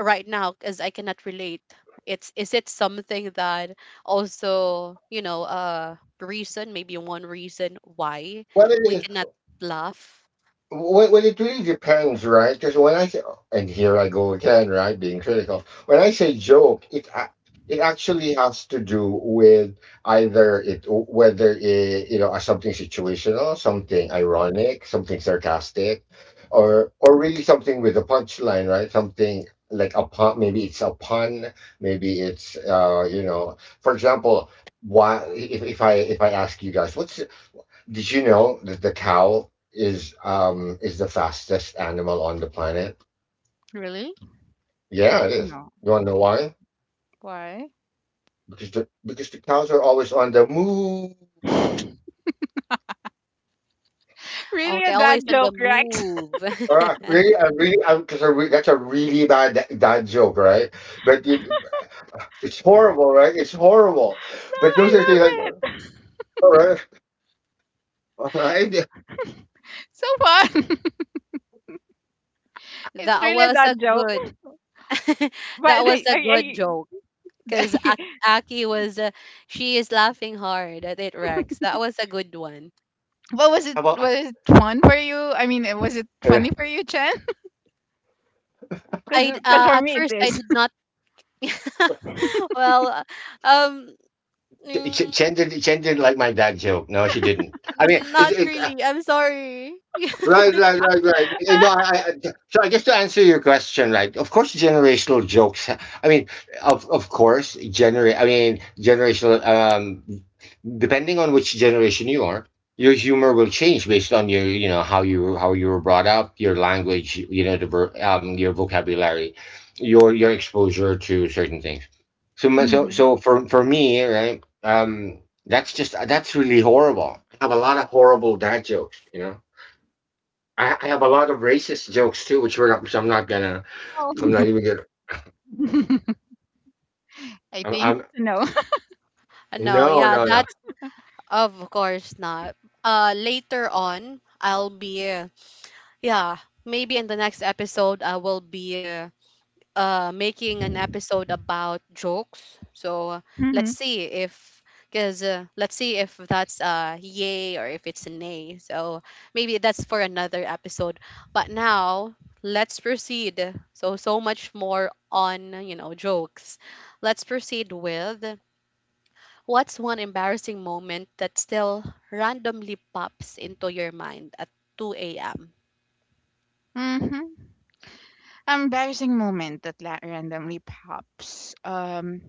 Speaker 1: right now, because I cannot relate, it's, is it something that also, you know, reason, maybe one reason why we
Speaker 3: Well,
Speaker 1: cannot laugh.
Speaker 3: Well, it really depends, right? Because when I say, and here I go again, right, being critical. When I say joke, it actually has to do with either it whether it, you know, something situational, something ironic, something sarcastic, or really something with a punchline, right? Something like a pun. Maybe it's a pun. Maybe it's you know, for example, why if I ask you guys, what's did you know that the cow is the fastest animal on the planet?
Speaker 2: Really?
Speaker 3: Yeah, it is.
Speaker 2: No.
Speaker 3: You wanna know why?
Speaker 2: Why?
Speaker 3: Because the cows are always on the move.
Speaker 2: Really
Speaker 1: Okay,
Speaker 2: a dad
Speaker 1: always on the
Speaker 2: joke, Rex?
Speaker 1: move.
Speaker 3: Ah, really, I really, because I re- that's a really bad dad joke, right? But it, it's horrible, right? It's horrible.
Speaker 2: <laughs> No,
Speaker 3: But
Speaker 2: I
Speaker 3: those are things
Speaker 2: love
Speaker 3: like, all
Speaker 2: it.
Speaker 3: right, all right.
Speaker 2: So fun.
Speaker 1: <laughs>
Speaker 2: <laughs> It's
Speaker 1: That
Speaker 2: really a
Speaker 1: was
Speaker 2: dad
Speaker 1: a
Speaker 2: joke.
Speaker 1: good <laughs> that
Speaker 2: But
Speaker 1: was
Speaker 2: the,
Speaker 1: a good joke because
Speaker 2: I, <laughs>
Speaker 1: Aki was, she is laughing hard at it, Rex. That was a good one.
Speaker 2: what was it?
Speaker 3: How about
Speaker 2: Was it fun for you? I mean, was it
Speaker 3: uh,
Speaker 2: funny for you, Chen? Because for
Speaker 1: At
Speaker 2: me it
Speaker 1: first, I
Speaker 2: is.
Speaker 1: did
Speaker 2: <laughs>
Speaker 1: not <laughs> well, um mm,
Speaker 3: Chen? Did Chen didn't like my dad joke? No, she didn't. I mean,
Speaker 1: not really. I'm sorry. <laughs>
Speaker 3: right, Eh, no, so I guess to answer your question, right? Of course, generational jokes. I mean, I mean, generational. Depending on which generation you are, your humor will change based on your, you know, how you were brought up, your language, you know, your vocabulary, your exposure to certain things.
Speaker 2: Mm-hmm.
Speaker 3: So for me, right? That's just, that's really horrible. I have a lot of horrible dad jokes, you know. I have a lot of racist jokes too, which I'm not gonna. I'm not
Speaker 2: Oh.
Speaker 3: even gonna.
Speaker 2: <laughs> I think
Speaker 3: I'm
Speaker 2: no.
Speaker 1: No,
Speaker 3: no,
Speaker 1: yeah,
Speaker 3: no, no.
Speaker 1: that's, of course not. Uh, later on, I'll be, yeah, maybe in the next episode I will be, making an episode about jokes. So
Speaker 2: <laughs>
Speaker 1: let's
Speaker 2: Mm-hmm.
Speaker 1: see if, because let's see if that's a yay or if it's a nay. So maybe that's for another episode. But now let's proceed. So, so much more on, you know, jokes. Let's proceed with, what's one embarrassing moment that still randomly pops into your mind at 2 a.m.?
Speaker 2: Mm-hmm. Embarrassing moment that randomly pops.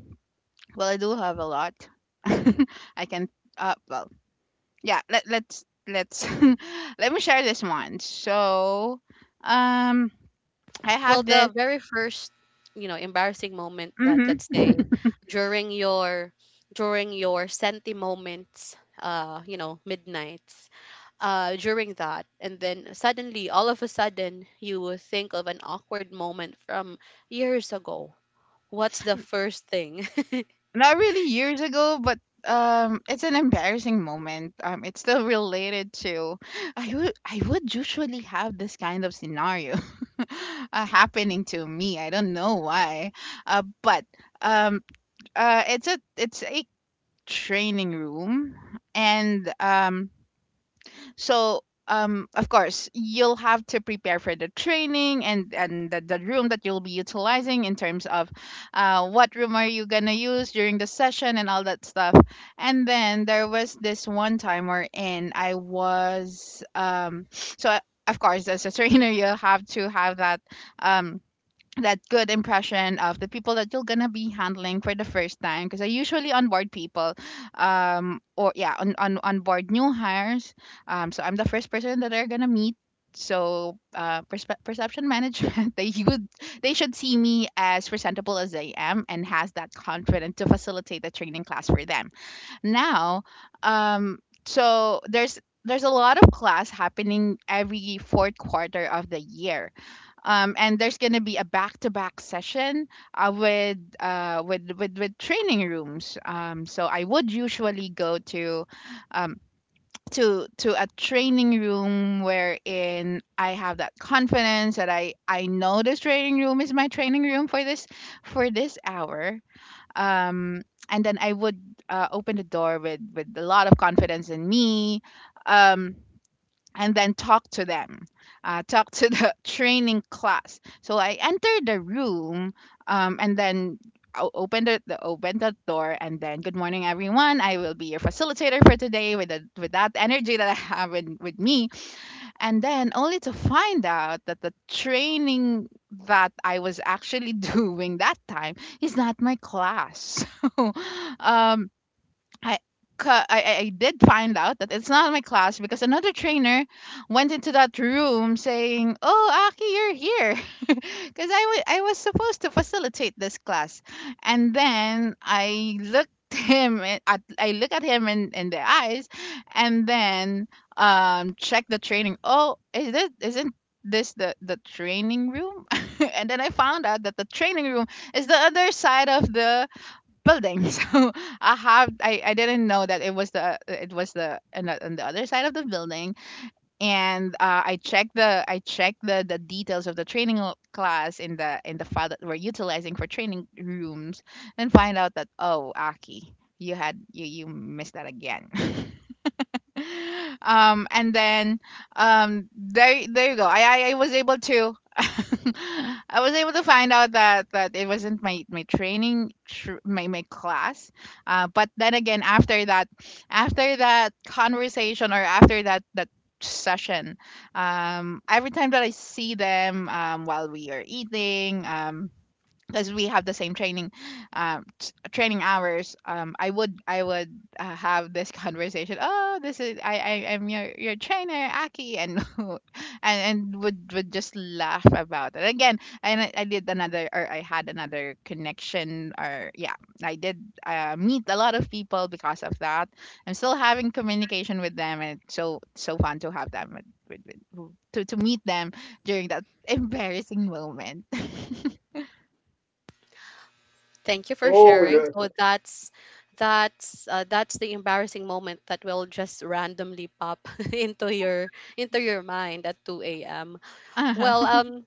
Speaker 2: Well, I do have a lot. <laughs> I can. Well. Yeah. Let's <laughs> let me share this one. So, um, I
Speaker 1: Well,
Speaker 2: have
Speaker 1: the
Speaker 2: this.
Speaker 1: very first, you know, embarrassing moment, that, let's
Speaker 2: Mm-hmm.
Speaker 1: say,
Speaker 2: <laughs>
Speaker 1: during your, during your senti moments, you know, midnights, during that, and then suddenly, all of a sudden, you will think of an awkward moment from years ago. What's the first thing? <laughs>
Speaker 2: Not really years ago, but it's an embarrassing moment. It's still related to, I would usually have this kind of scenario <laughs> happening to me. I don't know why, but um, it's a training room, and so of course, you'll have to prepare for the training, and the room that you'll be utilizing in terms of what room are you gonna use during the session and all that stuff. And then there was this one time wherein I was <sniffs> so. Uh, of course, as a <laughs> trainer, you'll have to have that um, that good impression of the people that you're gonna be handling for the first time because I usually onboard people, um, or yeah, on onboard new hires. Um, so I'm the first person that they're gonna meet. So uh, perception management, <laughs> they would, they should see me as presentable as I am and has that confidence to facilitate the training class for them. Now um, so there's a lot of class happening every fourth quarter of the year, and there's gonna be a back-to-back session, with, with with training rooms. So I would usually go to um, to a training room wherein I have that confidence that I know this training room is my training room for this, for this hour. Um, and then I would, open the door with a lot of confidence in me. Um, and then talk to them, talk to the <laughs> training class. So I entered the room, and then opened the opened the door, and then, good morning, everyone. I will be your facilitator for today, with the, with that energy that I have in, with me. And then only to find out that the training that I was actually <laughs> doing that time is not my class. <laughs> So um, I, I did find out that it's not my class because another trainer went into that room saying, "Oh, Aki, you're here," <laughs> because I was supposed to facilitate this class. And then I looked <laughs> him in- at I look at him in the eyes, and then, um, check the training. Oh, is this, isn't this the training room? <laughs> And then I found out that the training room is the other side of the building. <laughs> So I didn't know that it was the on on the other side of the building. And I checked the I checked the details of the training class in the file that we're utilizing for training rooms, and find out that, oh, Aki, you had, you missed that again. <laughs> <laughs> Um, and then um, there you go. I was able to <laughs> I was able to find out that it wasn't my my training, my class. Uh, but then again, after that, after that conversation, or after that session, um, every time that I see them, um, while we are eating, um, because we have the same training training hours, um, I would have this <laughs> conversation, oh, this is, I am your trainer, Aki, and <laughs> and would just laugh about it again. And I did another, or I had another connection, or yeah, I did meet a lot of people because of that. I'm still having communication with them, and it's so so fun to have them to meet them during that embarrassing moment.
Speaker 1: Thank you for
Speaker 3: Oh,
Speaker 1: sharing.
Speaker 3: no.
Speaker 1: So that's, that's the embarrassing moment that will just randomly pop <laughs> into your, into your mind at 2 a.m.
Speaker 2: <laughs> Uh-huh.
Speaker 1: Well,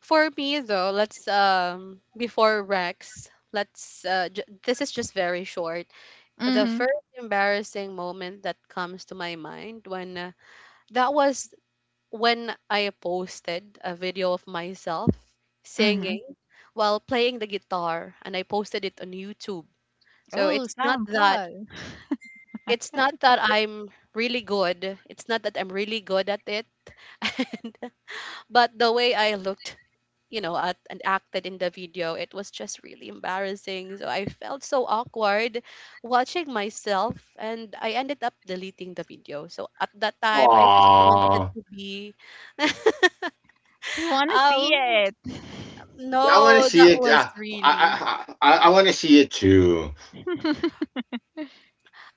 Speaker 1: for me, though, let's before Rex, let's this is just very short. The
Speaker 2: Mhm,
Speaker 1: first embarrassing moment that comes to my mind, when that was when I posted a video of myself
Speaker 2: mhm.
Speaker 1: singing while playing the guitar, and I posted it on YouTube. So
Speaker 2: Oh,
Speaker 1: it's not
Speaker 2: San
Speaker 1: that
Speaker 2: Paul.
Speaker 1: I'm really good. It's not that I'm really good at it. <laughs> And but the way I looked, you know, and acted in the video, it was just really embarrassing. So I felt so awkward watching myself, and I ended up deleting the video. So at that time, I just wanted
Speaker 3: Aww.
Speaker 1: to be. <laughs>
Speaker 2: We wanna see
Speaker 1: Oh
Speaker 2: it.
Speaker 3: Yeah, I want to
Speaker 1: no,
Speaker 3: see
Speaker 1: that
Speaker 3: it.
Speaker 1: was really.
Speaker 3: I want to see it too.
Speaker 2: <laughs>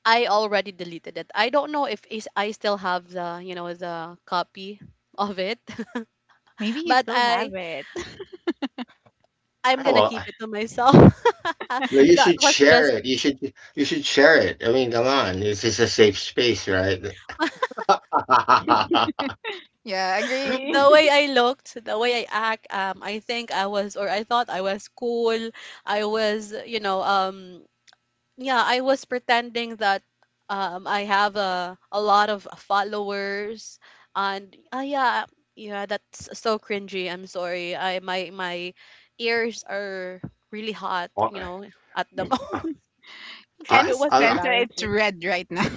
Speaker 1: I already deleted it. I don't know if is I still have the, you know, the copy of it, <laughs>
Speaker 2: Maybe you
Speaker 1: but
Speaker 2: still
Speaker 1: I,
Speaker 2: have it.
Speaker 1: I'm
Speaker 3: I
Speaker 1: gonna
Speaker 3: will.
Speaker 1: keep it to myself.
Speaker 3: No,
Speaker 1: <laughs>
Speaker 3: you
Speaker 1: That
Speaker 3: should
Speaker 1: was
Speaker 3: share
Speaker 1: just
Speaker 3: it. You should share it. I mean, come on, this is a safe space, right? <laughs>
Speaker 2: Yeah, agree.
Speaker 1: the way
Speaker 2: <laughs>
Speaker 1: I looked, the way I act. Um, I think I was, or I thought I was cool. I was, you know, yeah, I was pretending that I have a lot of followers, and yeah, that's so cringy. I'm sorry. I My my ears are really hot, you know, at the moment. <laughs>
Speaker 2: Kind
Speaker 3: I,
Speaker 1: It
Speaker 2: of
Speaker 1: was
Speaker 2: sense
Speaker 3: I,
Speaker 2: that it's
Speaker 1: embarrassing.
Speaker 2: red right now.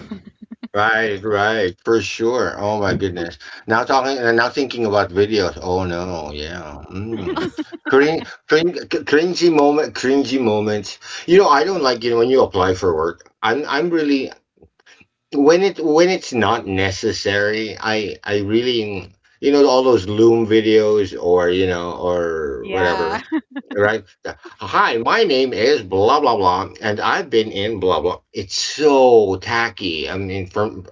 Speaker 3: right, right, for sure. Oh my goodness. Now talking, now thinking about videos. Oh no, yeah. Mm.
Speaker 2: <laughs>
Speaker 3: Cringy moment, cringy moments. You know, I don't like, you know, when you apply for work. I'm really, when it when it's not necessary. I really, you know, all those Loom videos or you know, or
Speaker 2: Yeah,
Speaker 3: whatever, right? Hi, my name is blah blah blah, and I've been in blah blah. It's so tacky. I mean, from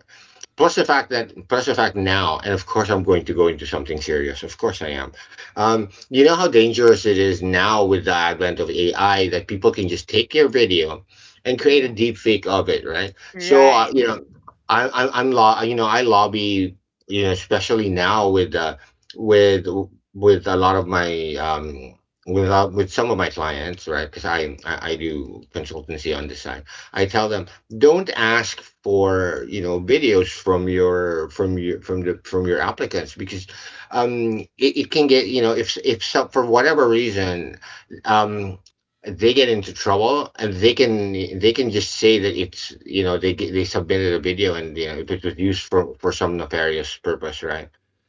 Speaker 3: plus the fact that plus the fact now, and of course I'm going to go into something serious, of course I am. You know how dangerous it is now with the advent of AI, that people can just take your video and create a
Speaker 1: Yeah,
Speaker 3: deep fake of it, right? So
Speaker 2: right.
Speaker 3: you know, I'm law, you know, I lobby, you know, especially now with with with a lot of my with, with some of my clients, right? Because I do consultancy on this side. I tell them don't ask for, you know, videos from your from your from the from your applicants, because it can get, you know, if for whatever reason um they get into trouble, and they can, they can just say that it's, you know, they submitted a video, and you know, if it was used for some nefarious purpose, right?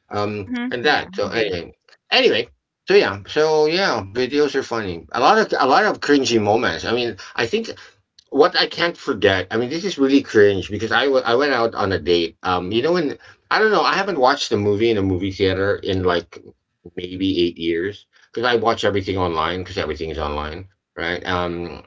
Speaker 2: Mhm.
Speaker 3: and
Speaker 2: Yeah,
Speaker 3: that, so
Speaker 2: agree.
Speaker 3: anyway, anyway, so yeah, so yeah, videos are funny, a lot of, a lot of cringy moments. I mean, I think what I can't forget, I mean, this is really cringe because I went out on a date. You know, when I don't know, I haven't watched a movie in a movie theater in like maybe 8 years, because I watch everything online because everything is online, right?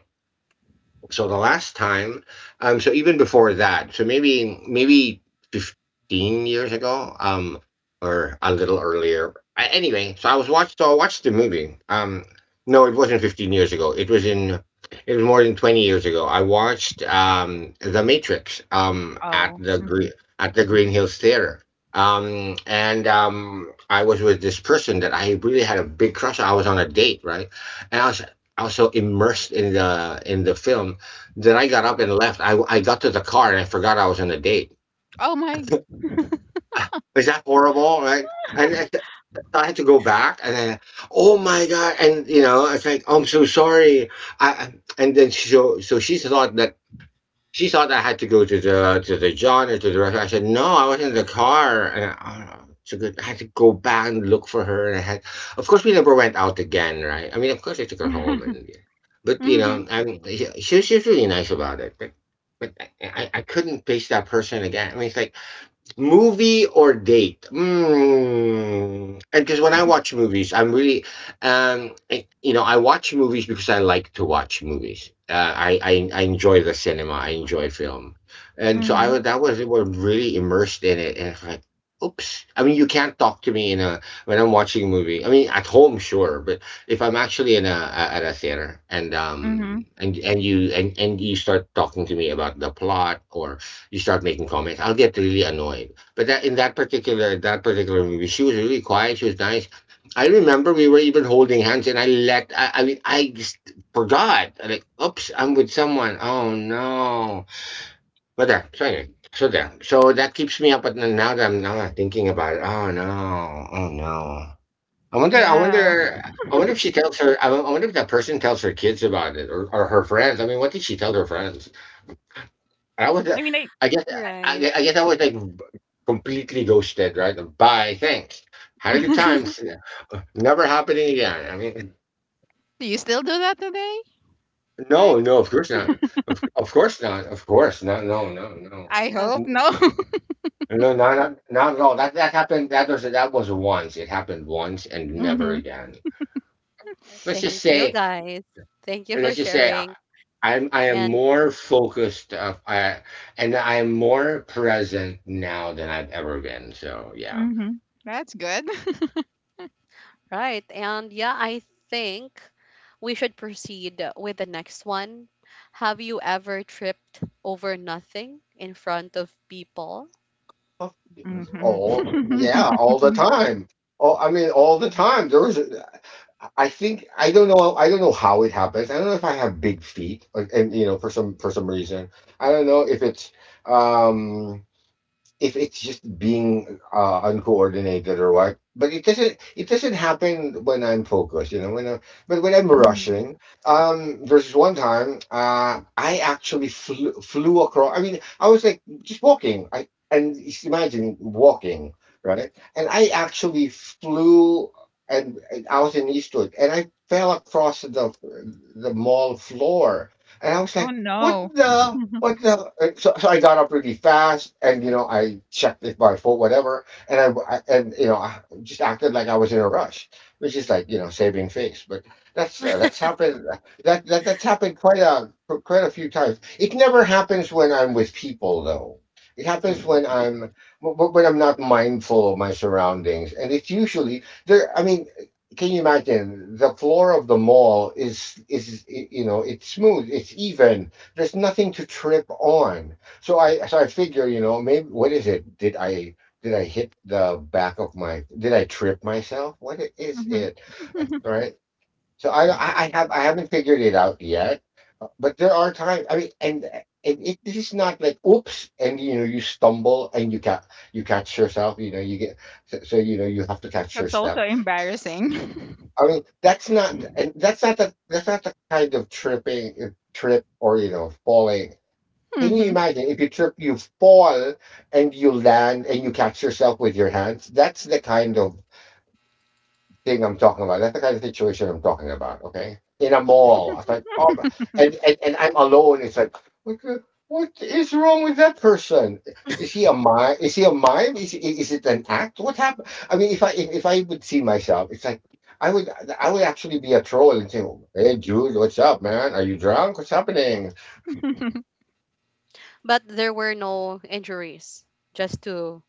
Speaker 3: So the last time, so even before that, so maybe 15 years ago or a little earlier. Anyway, so I watched the movie, no, it wasn't 15 years ago, it was more than 20 years ago. I watched The Matrix at
Speaker 2: Oh.
Speaker 3: the green,
Speaker 2: Mhm.
Speaker 3: at the Green Hills theater. And I was with this person that I really had a big crush on. I was on a date, right? And I was so immersed in the film. Then I got up and left. I got to the car and I forgot I was on a date.
Speaker 2: Oh my.
Speaker 3: Is that horrible? Right? I had to go back and then, oh my God. And, it's like, I'm so sorry. And then so she thought that she thought I had to go to the John or to the restaurant. I said no, I was in the car, and so good. I had to go back and look for her. Of course, we never went out again, right? I mean, of course, I took her home,
Speaker 2: <laughs>
Speaker 3: and but you
Speaker 2: Mhm.
Speaker 3: know, she was really nice about it. But I couldn't face that person again. I mean, it's like, movie or date? Mm. And because when I watch movies, I'm really, I watch movies because I like to watch movies. I enjoy the cinema. I enjoy film, and so I
Speaker 2: Mhm.
Speaker 3: was that was really immersed in it. And it's like, oops. I mean, you can't talk to me in a when I'm watching a movie. I mean, at home, sure, but if I'm actually in a at a theater and
Speaker 2: Mhm.
Speaker 3: um and and you and and you start talking to me about the plot or you start making comments. I'll get really annoyed. But that in that particular movie, she was really quiet. She was nice. I remember we were even holding hands, and I mean, I just forgot. I'm like, oops, I'm with someone. Oh no. But there. So anyway. So there. So that keeps me up at night now that I'm not thinking about it. Oh no. Oh no. I
Speaker 2: <laughs>
Speaker 3: wonder. I
Speaker 2: Yeah.
Speaker 3: wonder. I wonder if she tells her. I wonder if that person tells her kids about it, or her friends. I mean, what did she tell her friends? I was,
Speaker 2: I mean, I.
Speaker 3: I guess, I,
Speaker 1: right.
Speaker 3: gue- I guess I was completely ghosted, right? Bye, thanks. Had a good
Speaker 2: I
Speaker 3: time.
Speaker 2: <laughs>
Speaker 3: See Never happening again. I mean,
Speaker 2: do you still do that today, Rex?
Speaker 3: no, no, of course not. Of course not. Of course not. No, no, no.
Speaker 2: I
Speaker 1: Uh,
Speaker 2: hope
Speaker 3: N-
Speaker 2: no. <laughs>
Speaker 3: No, not at all. That happened. That was once. It happened once and never
Speaker 2: Mhm.
Speaker 3: again. Let's just
Speaker 1: thank you,
Speaker 3: say.
Speaker 1: guys. Thank you for
Speaker 3: Let's just say. I,
Speaker 1: sharing.
Speaker 3: I'm I am
Speaker 1: And
Speaker 3: more focused of I and I am more present now than I've ever been. So yeah.
Speaker 2: Mhm. That's good.
Speaker 1: right. And yeah, I think we should proceed with the next one. Have you ever tripped over nothing in front of people?
Speaker 3: Of
Speaker 2: <laughs> Mhm.
Speaker 3: all yeah, all the
Speaker 2: <laughs>
Speaker 3: time. Oh, I mean, all the time. There was, I think, I don't know how it happens. I don't know if I have big feet, like, and for some reason, I don't know um if it's just being uncoordinated or what. But it doesn't happen when I'm focused. When I'm
Speaker 2: Mhm.
Speaker 3: rushing, there's one time, I actually flew across. I mean, I was like just walking. I And just imagine walking, right? And I actually flew. And I was in Eastwood, and I fell across the mall floor, and I was
Speaker 2: Oh
Speaker 3: like,
Speaker 2: no.
Speaker 3: What the? So I got up really fast, and you know, I checked if my phone, whatever, and I just acted like I was in a rush, which is like, saving face. But that's happened. That's happened quite a few times. It never happens when I'm with people, though. It happens when I'm not mindful of my surroundings, and it's usually there. I mean, can you imagine the floor of the mall is it's smooth, it's even, there's nothing to trip on. So I figure, you know, maybe what is it? Did I hit the back of my? Did I trip myself? What is
Speaker 2: Hmm.
Speaker 3: it? Right. So I haven't figured it out yet, but there are times. I mean, and it this is not like oops, and you know you stumble and you catch yourself. You know you get, so you know you have to catch your
Speaker 2: That's also
Speaker 3: step.
Speaker 2: embarrassing.
Speaker 3: I mean, that's not, and that's not the kind of tripping, trip or falling.
Speaker 2: <laughs>
Speaker 3: Can you
Speaker 2: Hmm.
Speaker 3: imagine if you trip, you fall, and you land and you catch yourself with your hands? That's the kind of thing I'm talking about. That's the kind of situation I'm talking about. Okay, in a mall, it's like, oh, and I'm alone. It's like, what is wrong with that person? Is
Speaker 1: <laughs>
Speaker 3: he a mime? Is he a mime? Is it an act? What happened? I mean, if I would see myself, it's like. I would I would actually be a troll and say, "Hey Jude, what's up, man? Are you drunk? What's happening?"
Speaker 2: <laughs>
Speaker 1: But there were no injuries. Just to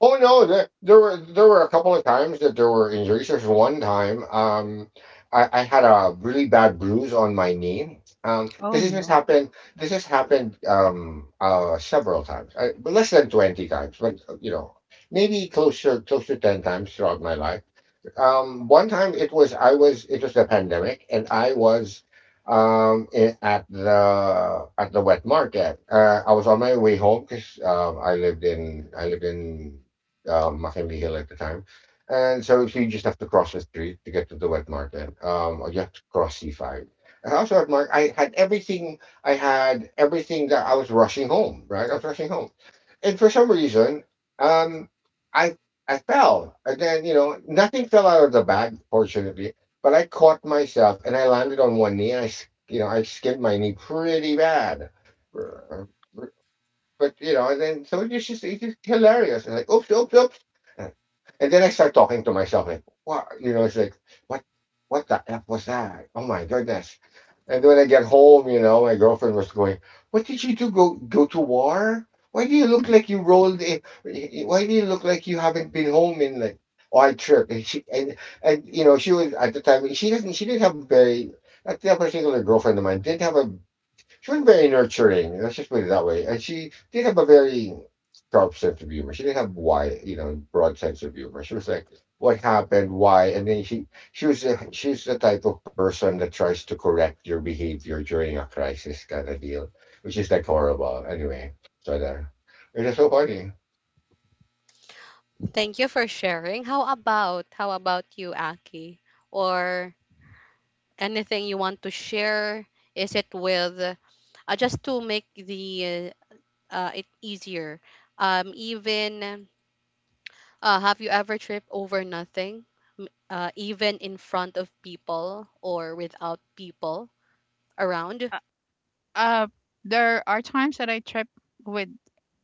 Speaker 3: Oh no, that there were a couple of times that there were injuries. There's one time, I had a really bad bruise on my knee.
Speaker 2: Oh
Speaker 3: This has
Speaker 2: no.
Speaker 3: happened this has happened several times. But less than 20 times, but maybe closer, close to 10 times throughout my life. One time, it was, I was it was a pandemic, and I was in, at the wet market. I was on my way home because, I lived in Mackenzie Hill at the time, and so you just have to cross the street to get to the wet market. Or you have to cross C-5. And also at Mark, I had everything. I had everything that I was rushing home. Right, I was rushing home, and for some reason, um, I I fell. And then, you know, nothing fell out of the bag, fortunately, but I caught myself and I landed on one knee. And I, s- you know, I skinned my knee pretty bad. Uh, But, you know, and then so it's just hilarious. And like, oops, oops, oops. And then I start talking to myself, like, what, you know, it's like, what, what the F was that? Oh my goodness. And then when I got home, my girlfriend was going, "What did you do? Go to war? Why do you look
Speaker 2: <laughs>
Speaker 3: like you rolled in? Why do you look like you haven't been home in like on trip?" And you know she was at the time, she didn't have very, at that particular, girlfriend of mine didn't have a she was very nurturing. Let's just put it that way. And she did have a very sharp sense of humor. She didn't have, broad sense of humor. She was like, what happened, why, and then she's the type of person that tries to correct your behavior during a crisis kind of deal, which is like horrible. Anyway, so there. It is so funny.
Speaker 1: thank you for sharing. How about you, Aki? Or anything you want to share? Is it with just to make the it easier? Even Have you ever tripped over nothing, even in front of people or without people around?
Speaker 2: Uh, uh, there are times that I trip with,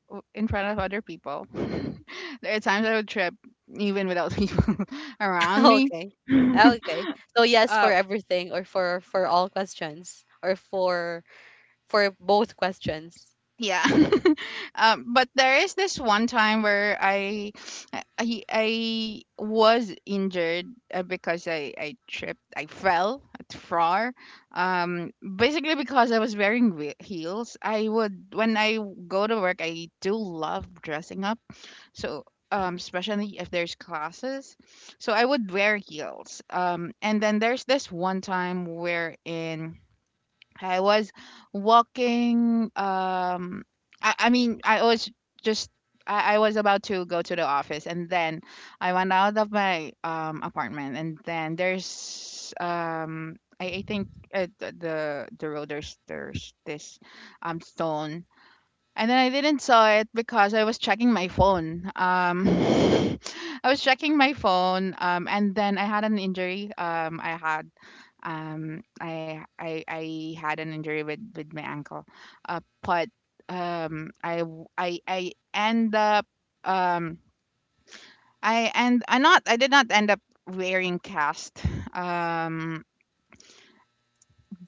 Speaker 2: in front of other people. <laughs> There are times I would trip even without people <laughs>
Speaker 1: <laughs>
Speaker 2: around me.
Speaker 1: okay,
Speaker 2: <laughs>
Speaker 1: okay. So yes for
Speaker 2: Uh,
Speaker 1: everything, or for all questions, or for both questions.
Speaker 2: yeah. <laughs> Um, but there is this one time where I was injured, because I tripped, I fell at frar, um, basically because I was wearing heels. I would, when I go to work, I do love dressing up. So um, especially if there's classes, so I would wear heels. Um, and then there's this one time wherein I was walking. I mean, I was just. I was about to go to the office, and then I went out of my apartment, and then there's. I think the the road, there's this stone, and then I didn't saw it because I was checking my phone. <laughs> I was checking my phone, and then I had an injury. I had I I had an injury with my ankle, but I end up um, I did not end up wearing cast, um,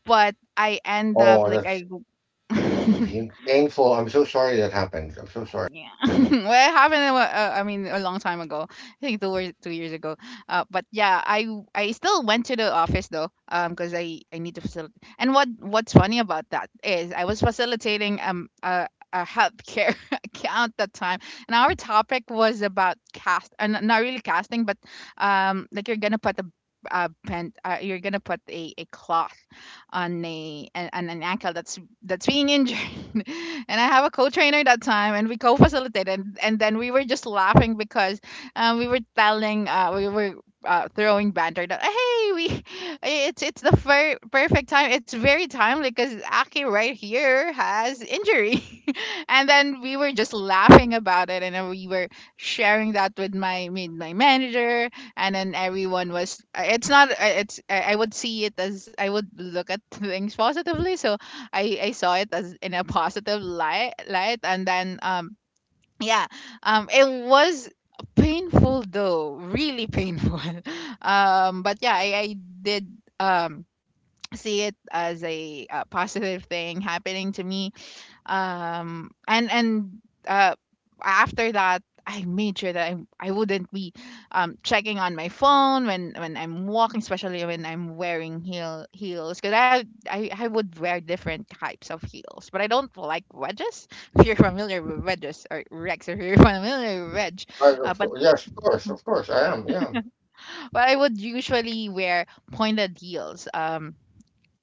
Speaker 2: but I end up
Speaker 3: Oh,
Speaker 2: like
Speaker 3: that's
Speaker 2: I. <laughs>
Speaker 3: painful. I'm so sorry that happened. I'm so sorry.
Speaker 2: Yeah. <laughs> Well, it happened a I mean a long time ago, I think 2 or 2 years ago, uh, but yeah, I still went to the office, though, um, because I need to facilitate. And what what's funny about that is I was facilitating a healthcare <laughs> account that time, and our topic was about cast, and not really casting, but um, like you're gonna put a, you're gonna put a cloth on a an ankle that's being injured. <laughs> And I have a co-trainer that time, and we co-facilitated, and then we were just laughing because we were telling, we were throwing banter that, hey, we, it's the perfect time. It's very timely because Aki right here has injury, <laughs> and then we were just laughing about it, and then we were sharing that with my manager, and then everyone was. Uh, it's not. Uh, it's, I would see it as, I would look at things positively, so I saw it as in a positive light. And then um, yeah, um, it was painful, though. Really painful. <laughs> Um, but yeah, I did um see it as a, uh, positive thing happening to me. Um, and uh after that I made sure that I wouldn't be checking on my phone when I'm walking, especially when I'm wearing heels. Because I would wear different types of heels, but I don't like wedges. <laughs> If you're familiar with wedges, or Rex, if you're <laughs> familiar with wedge, uh, but
Speaker 3: Yes, of course, I am. Yeah.
Speaker 2: but I would usually wear pointed heels. Um,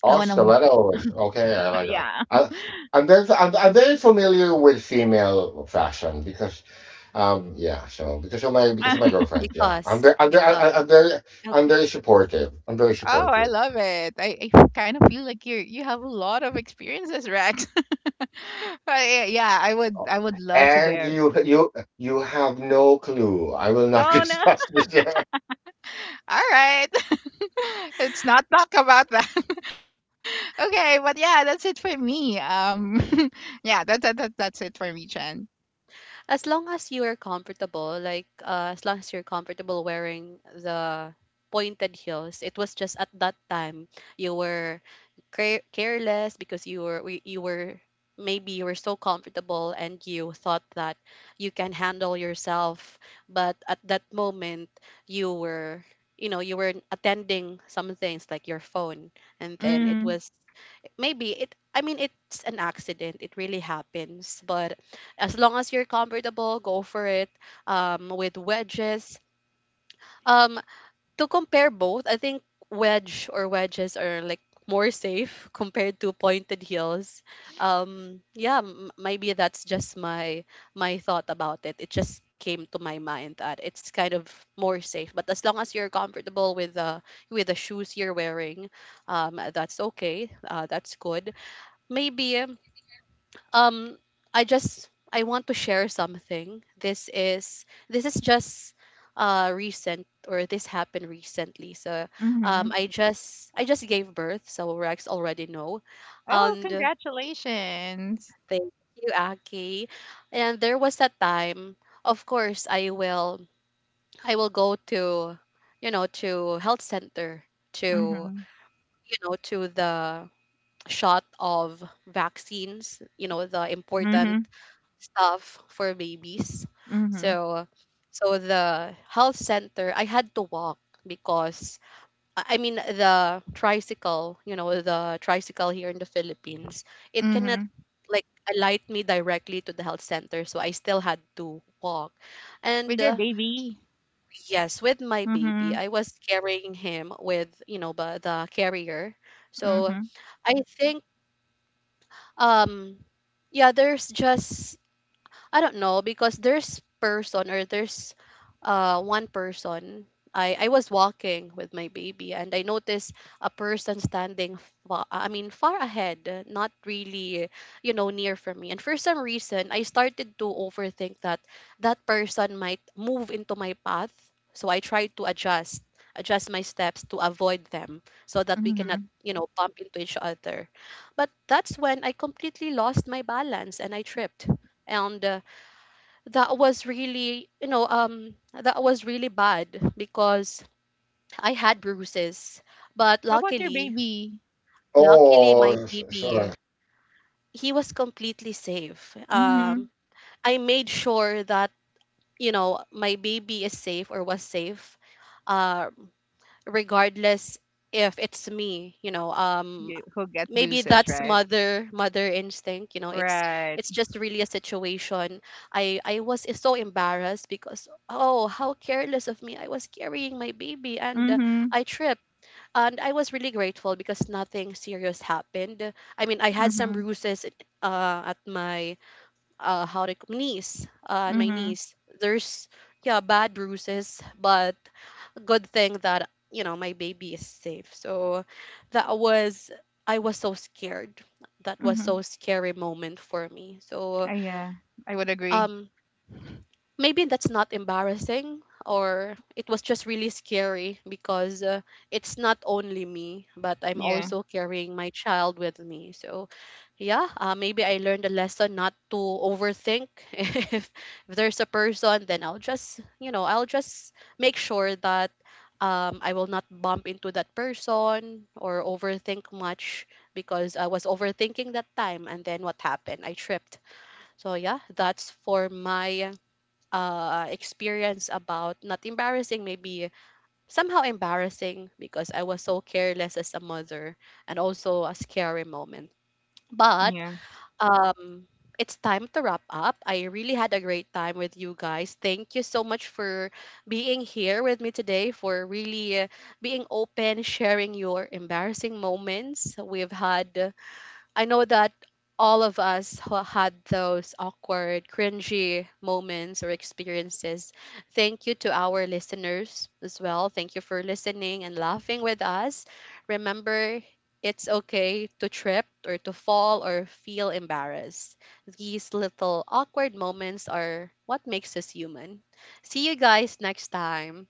Speaker 2: I
Speaker 3: Oh,
Speaker 2: want to,
Speaker 3: stilettos. Okay, I like that.
Speaker 2: yeah.
Speaker 3: I'm very familiar with female fashion because, yeah. So because of my because
Speaker 2: <laughs>
Speaker 3: of my girlfriend, yeah.
Speaker 1: Because because
Speaker 3: I'm very
Speaker 1: okay,
Speaker 3: supportive. I'm very
Speaker 2: Oh, I
Speaker 3: supportive.
Speaker 2: love it. I kind of feel like you have a lot of experiences, Rex. <laughs> I, yeah, I would,
Speaker 3: Oh,
Speaker 2: I would love to
Speaker 3: And
Speaker 2: wear.
Speaker 3: you, you, you have no clue. I will not <laughs>
Speaker 2: Oh no.
Speaker 3: discuss this here.
Speaker 2: <laughs> All right. <laughs> Let's not talk about that. <laughs> Okay, but yeah, that's it for me. Um. <laughs> Yeah, that's it for me, Chen.
Speaker 1: as long as you are comfortable, like as long as you're comfortable wearing the pointed heels. It was just at that time you were careless because you were you were maybe you were so comfortable and you thought that you can handle yourself, but at that moment you were, you know, you were attending some things like your phone, and then it
Speaker 2: Mm,
Speaker 1: was maybe it, I mean it's an accident, it really happens. But as long as you're comfortable, go for it. With wedges. Um, to compare both, I think wedge or wedges are like more safe <laughs> compared to pointed heels. Yeah, maybe that's just my thought about it. It just came to my mind that it's kind of more safe. But as long as you're comfortable with the shoes you're wearing, that's okay. That's good. Maybe um I just, I want to share something. This is just recent, or this happened recently. So
Speaker 2: mm-hmm.
Speaker 1: I just, I just gave birth, so Rex already know,
Speaker 2: Oh,
Speaker 1: and
Speaker 2: congratulations.
Speaker 1: thank you, Aki. And there was a time, of course, I will go to, you know, to health center, to,
Speaker 2: Mm-hmm.
Speaker 1: you know, to the shot of vaccines, you know, the
Speaker 2: Mm-hmm.
Speaker 1: important stuff for babies.
Speaker 2: Mm-hmm.
Speaker 1: So, so the health center, I had to walk because I mean the tricycle, you know, the tricycle here in the Philippines, it cannot
Speaker 2: Mm-hmm.
Speaker 1: like alight me directly to the health center, so I still had to walk. And
Speaker 2: With your baby.
Speaker 1: yes, with my baby.
Speaker 2: Mm-hmm.
Speaker 1: I was carrying him with, you know, the carrier.
Speaker 2: Mm-hmm.
Speaker 1: So I think, um, yeah, there's just, I don't know, because there's person, or there's one person. I was walking with my baby and I noticed a person standing I mean far ahead, not really, you know, near from me. And for some reason, I started to overthink that that person might move into my path. So I tried to adjust my steps to avoid them so that we cannot,
Speaker 2: Mm-hmm.
Speaker 1: you know, bump into each other. But that's when I completely lost my balance and I tripped. And that was really, you know, um, that was really bad because I had bruises. But
Speaker 2: How about your
Speaker 1: luckily,
Speaker 2: baby?
Speaker 3: <laughs>
Speaker 1: luckily
Speaker 3: Oh,
Speaker 1: my baby,
Speaker 3: sorry.
Speaker 1: he was completely safe.
Speaker 2: Mm-hmm.
Speaker 1: Um, I made sure that, you know, my baby is safe, or was safe, um, regardless if it's me, you know. Um,
Speaker 2: You who get
Speaker 1: maybe
Speaker 2: bruises,
Speaker 1: that's
Speaker 2: right?
Speaker 1: mother instinct, you know. it's
Speaker 2: Right.
Speaker 1: it's just really a situation. I was so embarrassed because, oh, how careless of me. I was carrying my baby, and
Speaker 2: Mhm.
Speaker 1: I tripped. And I was really grateful because nothing serious happened. I mean, I had some
Speaker 2: Mhm.
Speaker 1: bruises, at my how to knees, and my
Speaker 2: Mhm.
Speaker 1: knees, there's, yeah, bad bruises. But good thing that, you know, my baby is safe. So that was, I was so scared. That was
Speaker 2: Mhm.
Speaker 1: so scary moment for me. So,
Speaker 2: Yeah. I would agree.
Speaker 1: um, maybe that's not embarrassing, or it was just really scary because it's not only me, but I'm
Speaker 2: Yeah.
Speaker 1: also carrying my child with me. So yeah. Maybe I learned a lesson not to overthink. <laughs> If there's a person, then I'll just, you know, I'll just make sure that, I will not bump into that person or overthink much, because I was overthinking that time, and then what happened, I tripped. So yeah, that's for my experience about not embarrassing, maybe somehow embarrassing because I was so careless as a mother, and also a scary moment. But
Speaker 2: Yeah.
Speaker 1: um, it's time to wrap up. I really had a great time with you guys. Thank you so much for being here with me today, for really being open, sharing your embarrassing moments. We've had I know that all of us who had those awkward, cringy moments or experiences. Thank you to our listeners as well. Thank you for listening and laughing with us. Remember, it's okay to trip or to fall or feel embarrassed. These little awkward moments are what makes us human. See you guys next time.